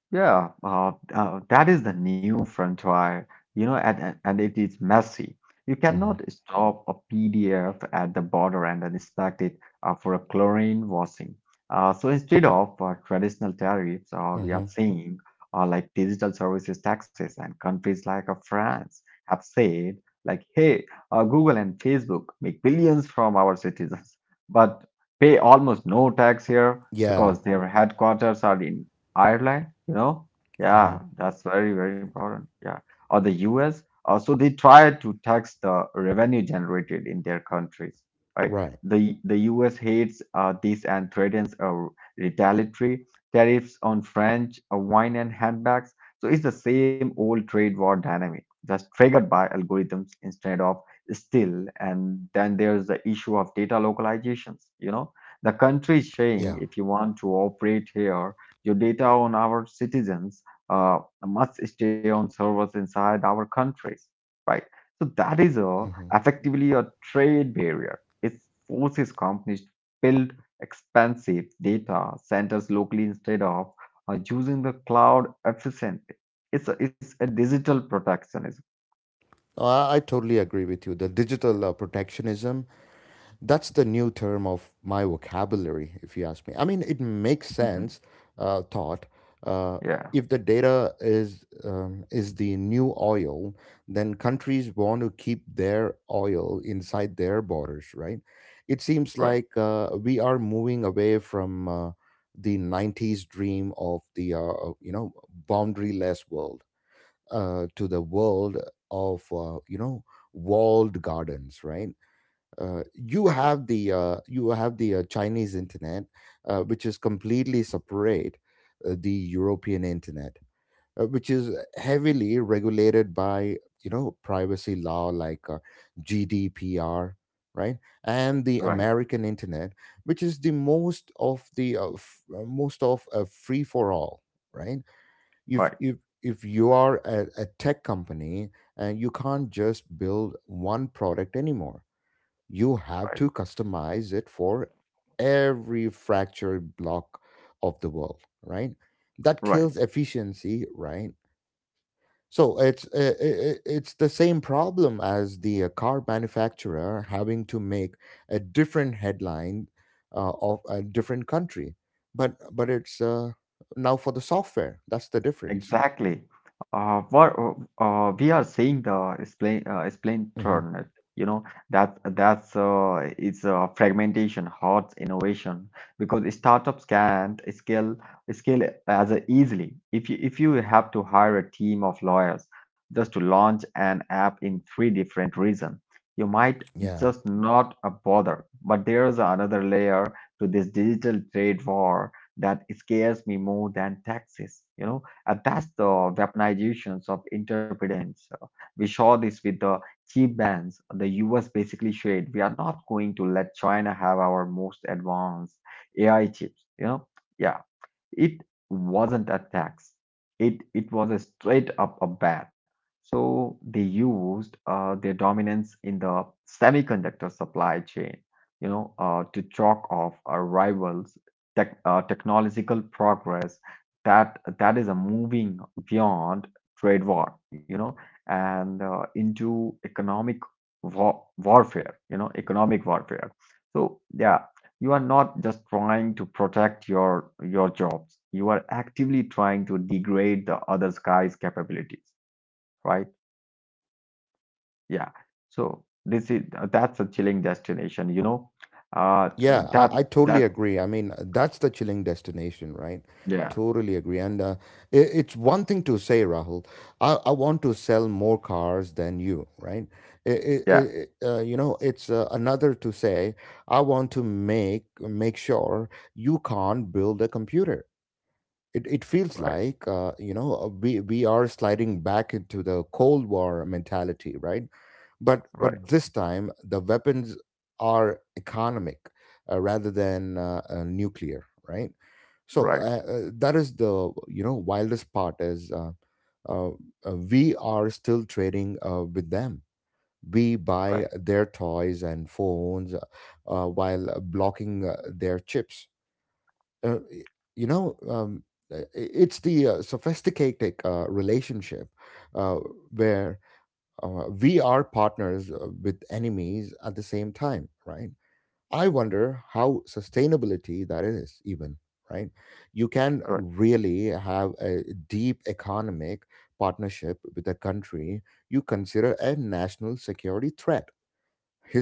B: Yeah, uh, uh, that is the new frontier, you know, and, and and it is messy. You
A: Hmm.
B: cannot stop a P D F at the border and then expect it uh, for a chlorine washing. Uh, so instead of uh, traditional tariffs, uh, we are
A: Hmm.
B: seeing uh, like digital services taxes and countries like uh, France have said like, hey, uh, Google and Facebook make billions from our citizens, but pay almost no tax here
A: Yeah.
B: because their headquarters are in Ireland, you know?
A: Hmm.
B: Yeah, that's very, very important. Yeah. Or the U S. Uh, so they try to tax the revenue generated in their countries, right?
A: Right.
B: The the U S hates uh, this and threatens uh, retaliatory tariffs on French uh, wine and handbags. So it's the same old trade war dynamic, just triggered by algorithms instead of still. And then there's the issue of data localizations, you know? The country is saying
A: Yeah.
B: if you want to operate here, your data on our citizens uh, must stay on servers inside our countries, right? So that is a,
A: Hmm.
B: effectively a trade barrier. It forces companies to build expensive data centers locally instead of uh, using the cloud efficiently. It's a, it's a digital protectionism.
A: No, I, I totally agree with you. The digital uh, protectionism, that's the new term of my vocabulary, if you ask me. I mean, it makes sense,
B: Mhm.
A: uh, thought. Uh,
B: Yeah,
A: if the data is um, is the new oil, then countries want to keep their oil inside their borders, right? It seems like
B: right,
A: uh, we are moving away from uh, the nineties dream of the, uh, you know, boundaryless world, uh, to the world of, uh, you know, walled gardens, right. Uh, you
B: right,
A: have the uh, you have the uh, Chinese internet, uh, which is completely separate. Uh, the European internet, uh, which is heavily regulated by, you know, privacy law like, uh, GDPR, right. And the
B: right,
A: American internet, which is the most of the uh, f- uh, most of uh, free for all, right. If
B: right,
A: if if you are a, a tech company, and you can't just build one product anymore, you have
B: right,
A: to customize it for every fractured block of the world, right. That kills
B: right.
A: efficiency, right. So it's uh, i- i- it's the same problem as the uh, car manufacturer having to make a different headline uh, of a different country, but but it's uh, now for the software, that's the difference.
B: Exactly. Uh, what uh, uh, We are saying the explain uh, explain
A: Mm-hmm.
B: turn, you know that that's uh, it's uh, fragmentation hurts innovation because startups can't scale scale as easily. If you if you have to hire a team of lawyers just to launch an app in three different regions, you might
A: Yeah.
B: just not uh, bother. But there's another layer to this digital trade war that scares me more than taxes. You know, and that's the weaponizations of interpretants. Uh, We saw this with the cheap bans. The U S basically said we are not going to let China have our most advanced A I chips. You know, yeah, it wasn't a tax. It it was a straight up a ban. So they used uh, their dominance in the semiconductor supply chain, you know, uh, to chalk off our rivals' tech, uh, technological progress. That that is a moving beyond trade war, you know, and uh, into economic war, warfare, you know, economic warfare. So yeah, you are not just trying to protect your your jobs. You are actively trying to degrade the other guy's capabilities, right? Yeah. So this is that's a chilling destination, you know. Uh,
A: Yeah, I,
B: that
A: I totally
B: that
A: agree. I mean, that's the chilling destination, right?
B: yeah,
A: Totally agree. And, uh, it, it's one thing to say, Rahul, I, I want to sell more cars than you, right? It, it,
B: yeah,
A: it, uh, you know, it's uh, another to say, I want to make make sure you can't build a computer. it, it feels
B: right,
A: like, uh, you know, uh, we we are sliding back into the cold war mentality, right? but
B: right,
A: but this time the weapons are economic, uh, rather than uh, uh, nuclear, right. So
B: right,
A: uh, uh, that is the, you know, wildest part is, uh, uh, uh, we are still trading uh, with them. We
B: right,
A: buy their toys and phones, uh, uh, while blocking uh, their chips, uh, you know, um, uh, it's the uh, sophisticated uh, relationship uh, where uh, we are partners uh, with enemies at the same time, right. I wonder how sustainability that is even, right. You can
B: right,
A: really have a deep economic partnership with a country you consider a national security threat?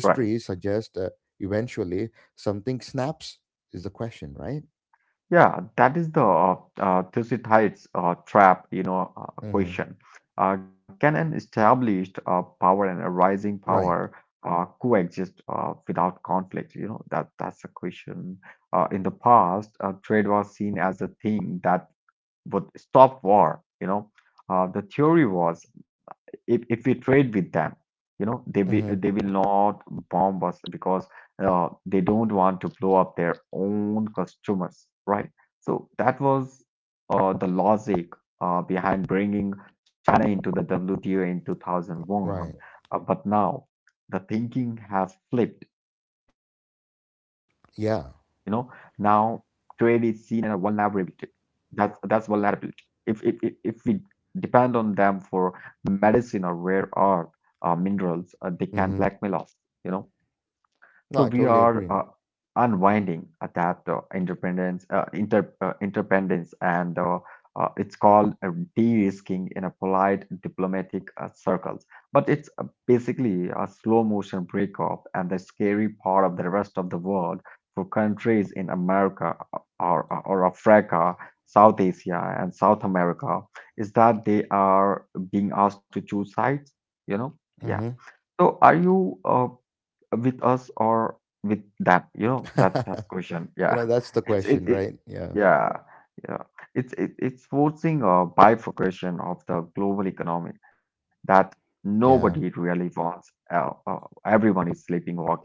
B: right.
A: suggests, uh, eventually something snaps is the question, right.
B: Yeah, that is the uh, uh, Tilsit Heights uh, trap, you know, uh,
A: Hmm.
B: question. Uh, can an established uh, power and a rising
A: Right.
B: power uh, coexist uh, without conflict? You know, that that's a question. Uh, in the past, uh, trade was seen as a thing that would stop war. You know, uh, the theory was if, if we trade with them, you know, they will
A: Mm-hmm.
B: they will not bomb us because uh, they don't want to blow up their own customers, right? So that was uh, the logic uh, behind bringing china into the W T O in two thousand one.
A: Right.
B: Uh, but now the thinking has flipped, you know, now
A: Yeah.
B: trade is seen as a vulnerability, that's that's vulnerability. If if if if we depend on them for medicine or rare earth uh, minerals, uh, they can
A: Mm-hmm.
B: blackmail us. You know. So
A: No, I
B: we
A: totally
B: are
A: agree.
B: uh, unwinding uh, that uh, independence, uh, inter, uh, interdependence, and uh, uh, it's called uh, de-risking in a polite diplomatic uh, circles. But it's uh, basically a slow motion breakup, and the scary part of the rest of the world for countries in America uh, or, uh, or Africa, South Asia, and South America is that they are being asked to choose sides. You know, yeah.
A: Mm-hmm.
B: So are you? Uh, with us or with them, you know, that that's question,
A: You
B: yeah.
A: know, that's the
B: it's it,
A: question,
B: it
A: right? Yeah.
B: yeah, yeah, it's it, it's forcing a bifurcation of the global economy that nobody
A: Yeah.
B: really wants, uh, uh, everyone is sleeping walking,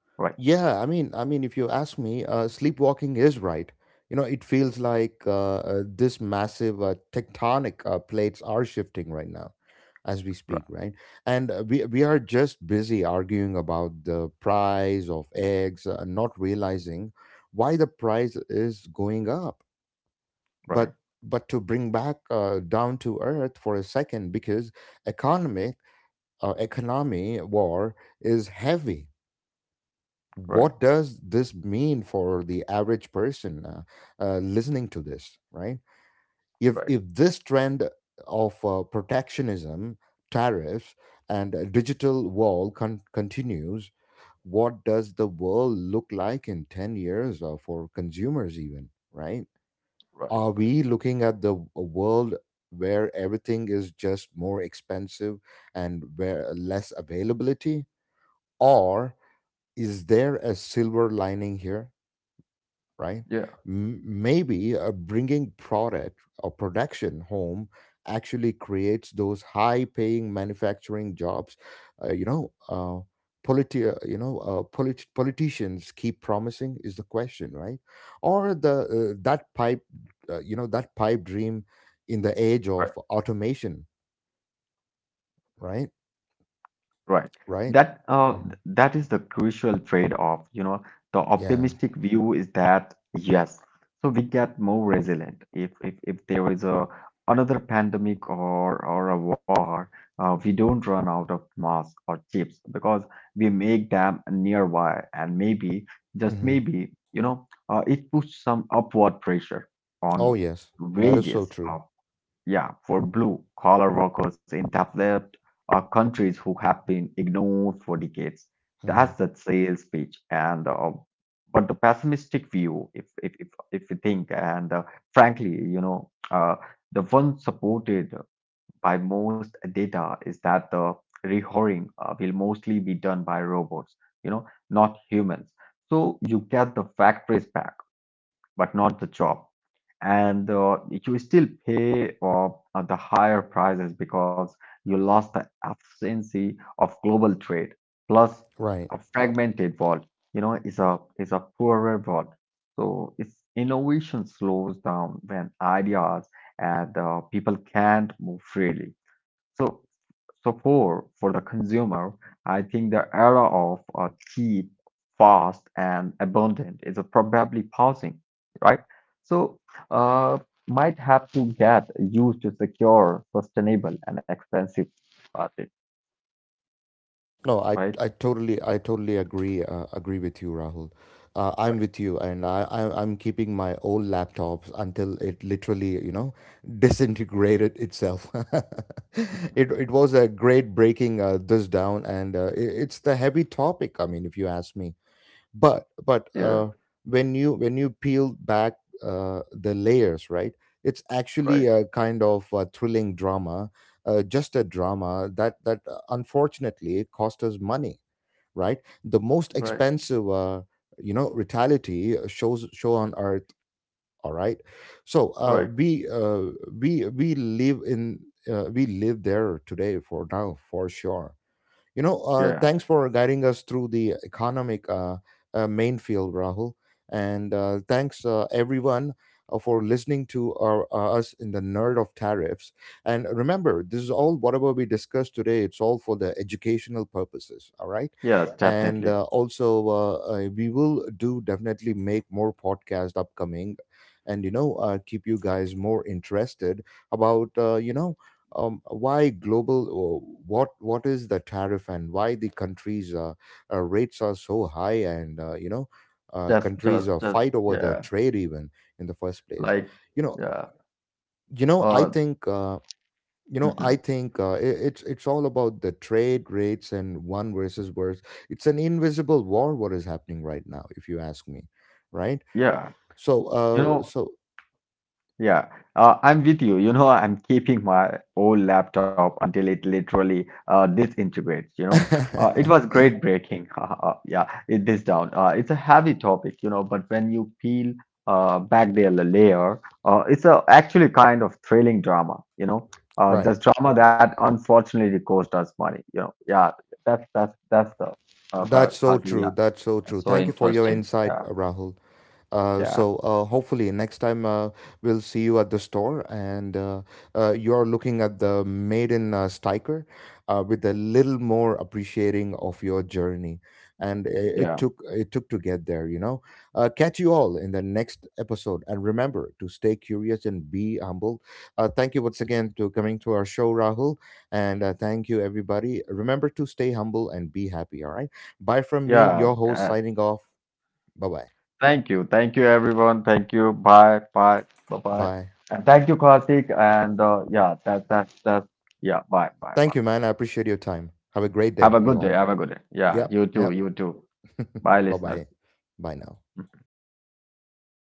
B: right,
A: Yeah. I mean, I mean, if you ask me, uh, sleepwalking is right. You know, it feels like, uh, uh, this massive uh, tectonic uh, plates are shifting right now as we speak,
B: right,
A: right? And, uh, we, we are just busy arguing about the price of eggs, uh, not realizing why the price is going up, but
B: right,
A: but to bring back uh, down to earth for a second, because economic uh, economy war is heavy.
B: right,
A: What does this mean for the average person, uh, uh, listening to this, right? if
B: right,
A: if this trend of, uh, protectionism, tariffs, and a digital wall con- continues, what does the world look like in ten years, uh, for consumers even, right?
B: right,
A: Are
B: right,
A: we looking at the w- world where everything is just more expensive, and where, uh, less availability, or is there a silver lining here, right?
B: yeah, right.
A: M- maybe uh, bringing product or production home actually creates those high-paying manufacturing jobs. Uh, you know, uh, politi- uh, you know, uh, polit- politicians keep promising is the question, right? Or the, uh, that pipe, uh, you know, that pipe dream in the age of automation, right?
B: Right.
A: Right?
B: That uh,
A: Hmm.
B: that is the crucial trade-off. You know, the
A: Yeah.
B: optimistic view is that yes, so we get more resilient if if if there is a another pandemic or or a war, uh, we don't run out of masks or chips because we make them nearby and maybe just
A: Hmm.
B: maybe, you know, uh, it puts some upward pressure
A: Oh
B: on
A: yes, that is so
B: wages
A: true.
B: uh, yeah, for blue collar workers in developed uh, countries who have been ignored for decades.
A: Hmm.
B: That's the sales pitch. And uh, but the pessimistic view, if if if, if you think, and uh, frankly, you know, uh, the one supported by most data is that the rehiring uh, will mostly be done by robots. You know, not humans. So you get the factories back, but not the job, and uh, you still pay uh, uh, the higher prices because you lost the efficiency of global trade. Plus,
A: Right.
B: a fragmented world, you know, is a is a poorer world. So, its innovation slows down when ideas and uh, people can't move freely. So, so for for the consumer, I think the era of uh, cheap, fast, and abundant is uh, probably pausing, right? So uh, might have to get used to secure, sustainable, and expensive patent,
A: No, I,
B: right?
A: I totally I totally agree uh, agree with you, Rahul. Uh, I'm
B: Right.
A: with you, and, I, I I'm keeping my old laptops until it literally, you know, disintegrated itself. it it was a great breaking uh, this down, and, uh, it, it's the heavy topic. I mean, if you ask me, but but
B: Yeah.
A: uh, when you when you peel back uh, the layers, right. It's actually
B: Right.
A: a kind of a thrilling drama, uh, just a drama that that uh, unfortunately it cost us money, right. The most
B: Right.
A: expensive, uh, you know, retaliatory shows show on earth, all right. So uh,
B: Right.
A: we uh, we we live in, uh, we live there today for now for sure. You know, uh,
B: Yeah.
A: thanks for guiding us through the economic, uh, uh, main field, Rahul. And, uh, thanks, uh, everyone, uh, for listening to our, uh, us in the nerd of tariffs. And remember, this is all whatever we discussed today. It's all for the educational purposes. All right,
B: Yes.
A: and,
B: Definitely.
A: uh, also uh, uh, we will do definitely make more podcast upcoming, and, you know, uh, keep you guys more interested about, uh, you know, um, why global, uh, what what is the tariff, and why the countries, uh, uh, rates are so high, and, uh, you know, uh,
B: Just.
A: countries,
B: Just.
A: uh,
B: Just.
A: fight over the
B: Yeah.
A: trade, even in the first place,
B: Like.
A: you know.
B: Yeah.
A: You know, I
B: Uh.
A: think uh, you know
B: Mhm.
A: I think uh, I it's it's all about the trade rates and one versus worse. It's an invisible war, what is happening right now, if you ask me, right.
B: Yeah.
A: so
B: You
A: uh
B: know.
A: so
B: Yeah, uh, I'm with you. You know, I'm keeping my old laptop until it literally uh, disintegrates. You know, uh, it was great breaking. uh, yeah, it this down. Uh, it's a heavy topic, you know, but when you peel uh, back the la- layer, uh, it's a actually kind of thrilling drama. You know, uh,
A: Right.
B: just drama that unfortunately cost us money. You know, yeah, that's that's that's the uh,
A: That's so
B: Kazi.
A: true.
B: Yeah,
A: That's so true.
B: so
A: Thank you for your
B: interesting.
A: insight,
B: Yeah,
A: Rahul. Uh, so,
B: yeah,
A: uh, hopefully next time, uh, we'll see you at the store, and, uh, uh, you're looking at the maiden uh, sticker, uh, with a little more appreciating of your journey, and i- it
B: yeah,
A: took, it took to get there, you know. Uh, catch you all in the next episode, and remember to stay curious and be humble. Uh, thank you once again to coming to our show, Rahul. And, uh, thank you everybody, remember to stay humble and be happy, all right. Bye from me,
B: yeah.
A: your host,
B: Uh,
A: signing off. Bye bye.
B: thank you. Thank you, everyone. Thank you. Bye. Bye. Bye. Bye.
A: Bye.
B: And thank you, Karthik. And uh, yeah, that that's that's yeah. Bye. Bye.
A: Thank
B: Bye.
A: you, man. I appreciate your time. Have a great
B: Have a
A: day,
B: good
A: you
B: day. Have
A: all.
B: a good day. Yeah.
A: Yep,
B: You too.
A: yep.
B: You too. Bye,
A: Bye
B: listeners.
A: bye. Bye now.